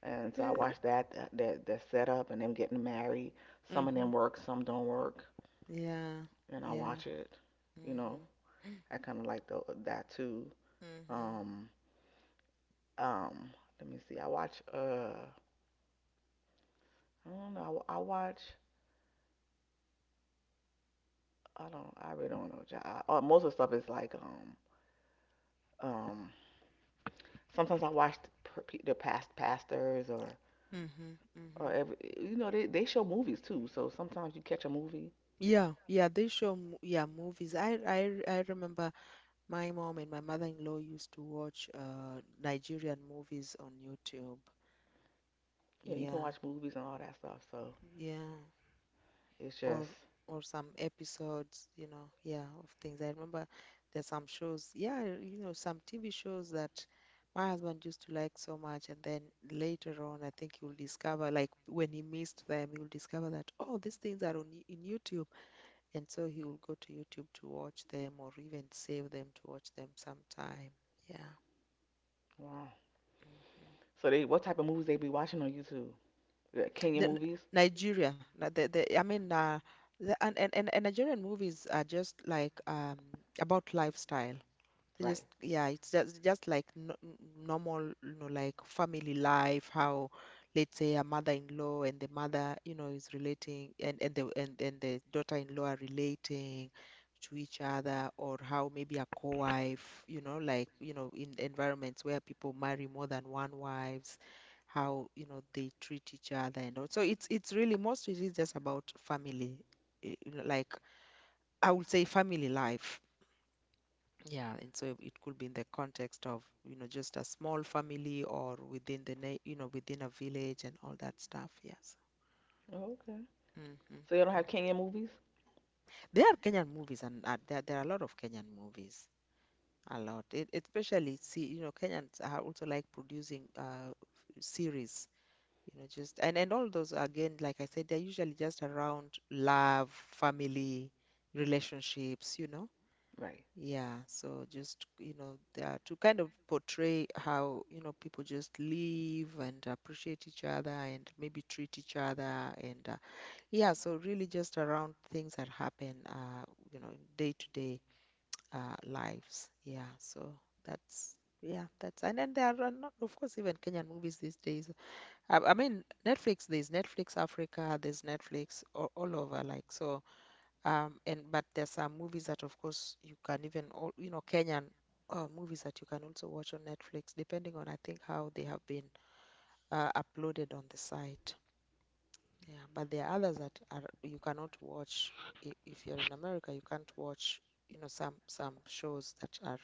Speaker 2: And so I watch that that that, that setup and them getting married. Some of
Speaker 1: Mm-hmm.
Speaker 2: them work, some don't work,
Speaker 1: Yeah,
Speaker 2: and I
Speaker 1: yeah.
Speaker 2: watch it. You know,
Speaker 1: Mm-hmm.
Speaker 2: I kind of like that too.
Speaker 1: Mm-hmm.
Speaker 2: Um, um, Let me see. I watch. I don't know. I watch. I don't. I really don't know. Most of the stuff is like. Um. Sometimes I watch the past pastors or
Speaker 1: Mm-hmm.
Speaker 2: or
Speaker 1: Mm-hmm.
Speaker 2: every. You know they show movies too. So sometimes you catch a movie.
Speaker 1: Yeah, yeah, they show m yeah movies. I remember, my mom and my mother-in-law used to watch, Nigerian movies on YouTube.
Speaker 2: Yeah, you can watch
Speaker 1: Yeah,
Speaker 2: movies and all that stuff. So
Speaker 1: yeah,
Speaker 2: it's
Speaker 1: or
Speaker 2: just
Speaker 1: or some episodes, you know, yeah, of things. I remember, there's some shows, yeah, you know, some TV shows that my husband used to like so much, and then later on, I think you'll discover, like when he missed them, you'll discover that, oh, these things are on in YouTube, and so he will go to YouTube to watch them, or even save them to watch them sometime. Yeah.
Speaker 2: wow.
Speaker 1: Mm-hmm.
Speaker 2: So they what type of movies they be watching on YouTube? The Kenyan
Speaker 1: The,
Speaker 2: movies,
Speaker 1: Nigeria, the I mean, and Nigerian movies are just like, about lifestyle. They
Speaker 2: right?
Speaker 1: just, yeah, it's just like, no, normal, you know, like family life. How, let's say, a mother-in-law and the mother, you know, is relating, and the daughter-in-law are relating to each other, or how maybe a co-wife, you know, like, you know, in environments where people marry more than one wives, how, you know, they treat each other, and all. So it's, really, most of it is just about family, eh, like, I would say, family life. Yeah, and so it could be in the context of, you know, just a small family or within the, na- you know, within a village and all that stuff. Yes.
Speaker 2: Oh, okay.
Speaker 1: Hmm.
Speaker 2: So you don't have Kenyan movies,
Speaker 1: There are Kenyan movies, and there are a lot of Kenyan movies. A lot, especially, see, you know, Kenyans are also like producing series, you know, just and all those, again, like I said, they're usually just around love, family, relationships, you know.
Speaker 2: right?
Speaker 1: Yeah, so just, you know, they are to kind of portray how, you know, people just live and appreciate each other and maybe treat each other, and, yeah, so really just around things that happen, you know, day to day, lives. Yeah, so that's yeah, that's, and then there are not, of course, even Kenyan movies these days. I mean, Netflix, there's Netflix Africa, there's Netflix all, over, like, so. And but there's some movies that, of course, you can even all, you know, Kenyan, movies that you can also watch on Netflix, depending on, I think, how they have been uploaded on the site. Yeah, but there are others that are, you cannot watch if you're in America. You can't watch, you know, some shows that are,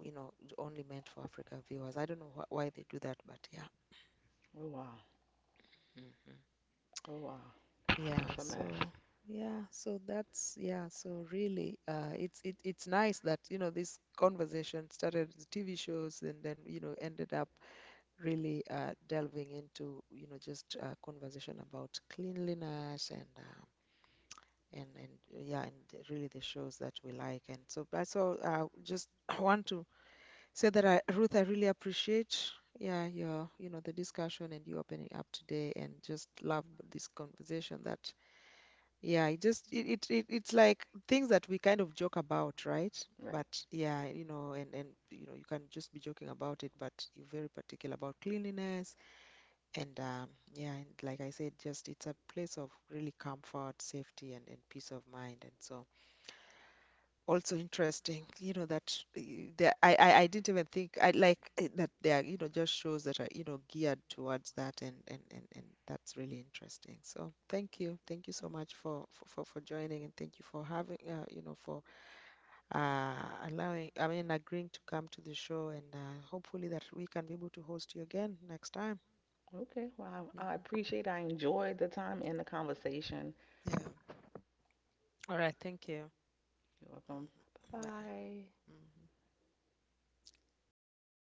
Speaker 1: you know, only meant for African viewers. I don't know wh why they do that, but yeah.
Speaker 2: Oh wow.
Speaker 1: Mhm.
Speaker 2: Oh wow.
Speaker 1: Yeah,
Speaker 2: That's a mess.
Speaker 1: so yeah, so really, it's nice that, you know, this conversation started with TV shows, and then, you know, ended up really, delving into, you know, just a conversation about cleanliness, and and and really, the shows that we like. And so I so just want to say that, I Ruth, I really appreciate, yeah, your, you know, the discussion and you opening up today, and just love this conversation, that yeah, it just it, it it it's like things that we kind of joke about, right?
Speaker 2: Right.
Speaker 1: But yeah, you know, and you know, you can just be joking about it, but you're very particular about cleanliness, and, yeah, and like I said, just, it's a place of really comfort, safety, and peace of mind. And so, also interesting, you know, that the I didn't even think, I like it that they are, you know, just shows that are, you know, geared towards that. And and that's really interesting. So, thank you, so much for for joining, and thank you for having, you know for uh allowing, I mean, agreeing to come to the show. And hopefully that we can be able to host you again next time.
Speaker 2: Okay. Well, I
Speaker 1: Hmm.
Speaker 2: appreciate it. I enjoyed the time and the conversation.
Speaker 1: Yeah, all right, thank you.
Speaker 2: You're welcome. Bye
Speaker 1: Mm, bye.
Speaker 2: bye.
Speaker 1: Mm.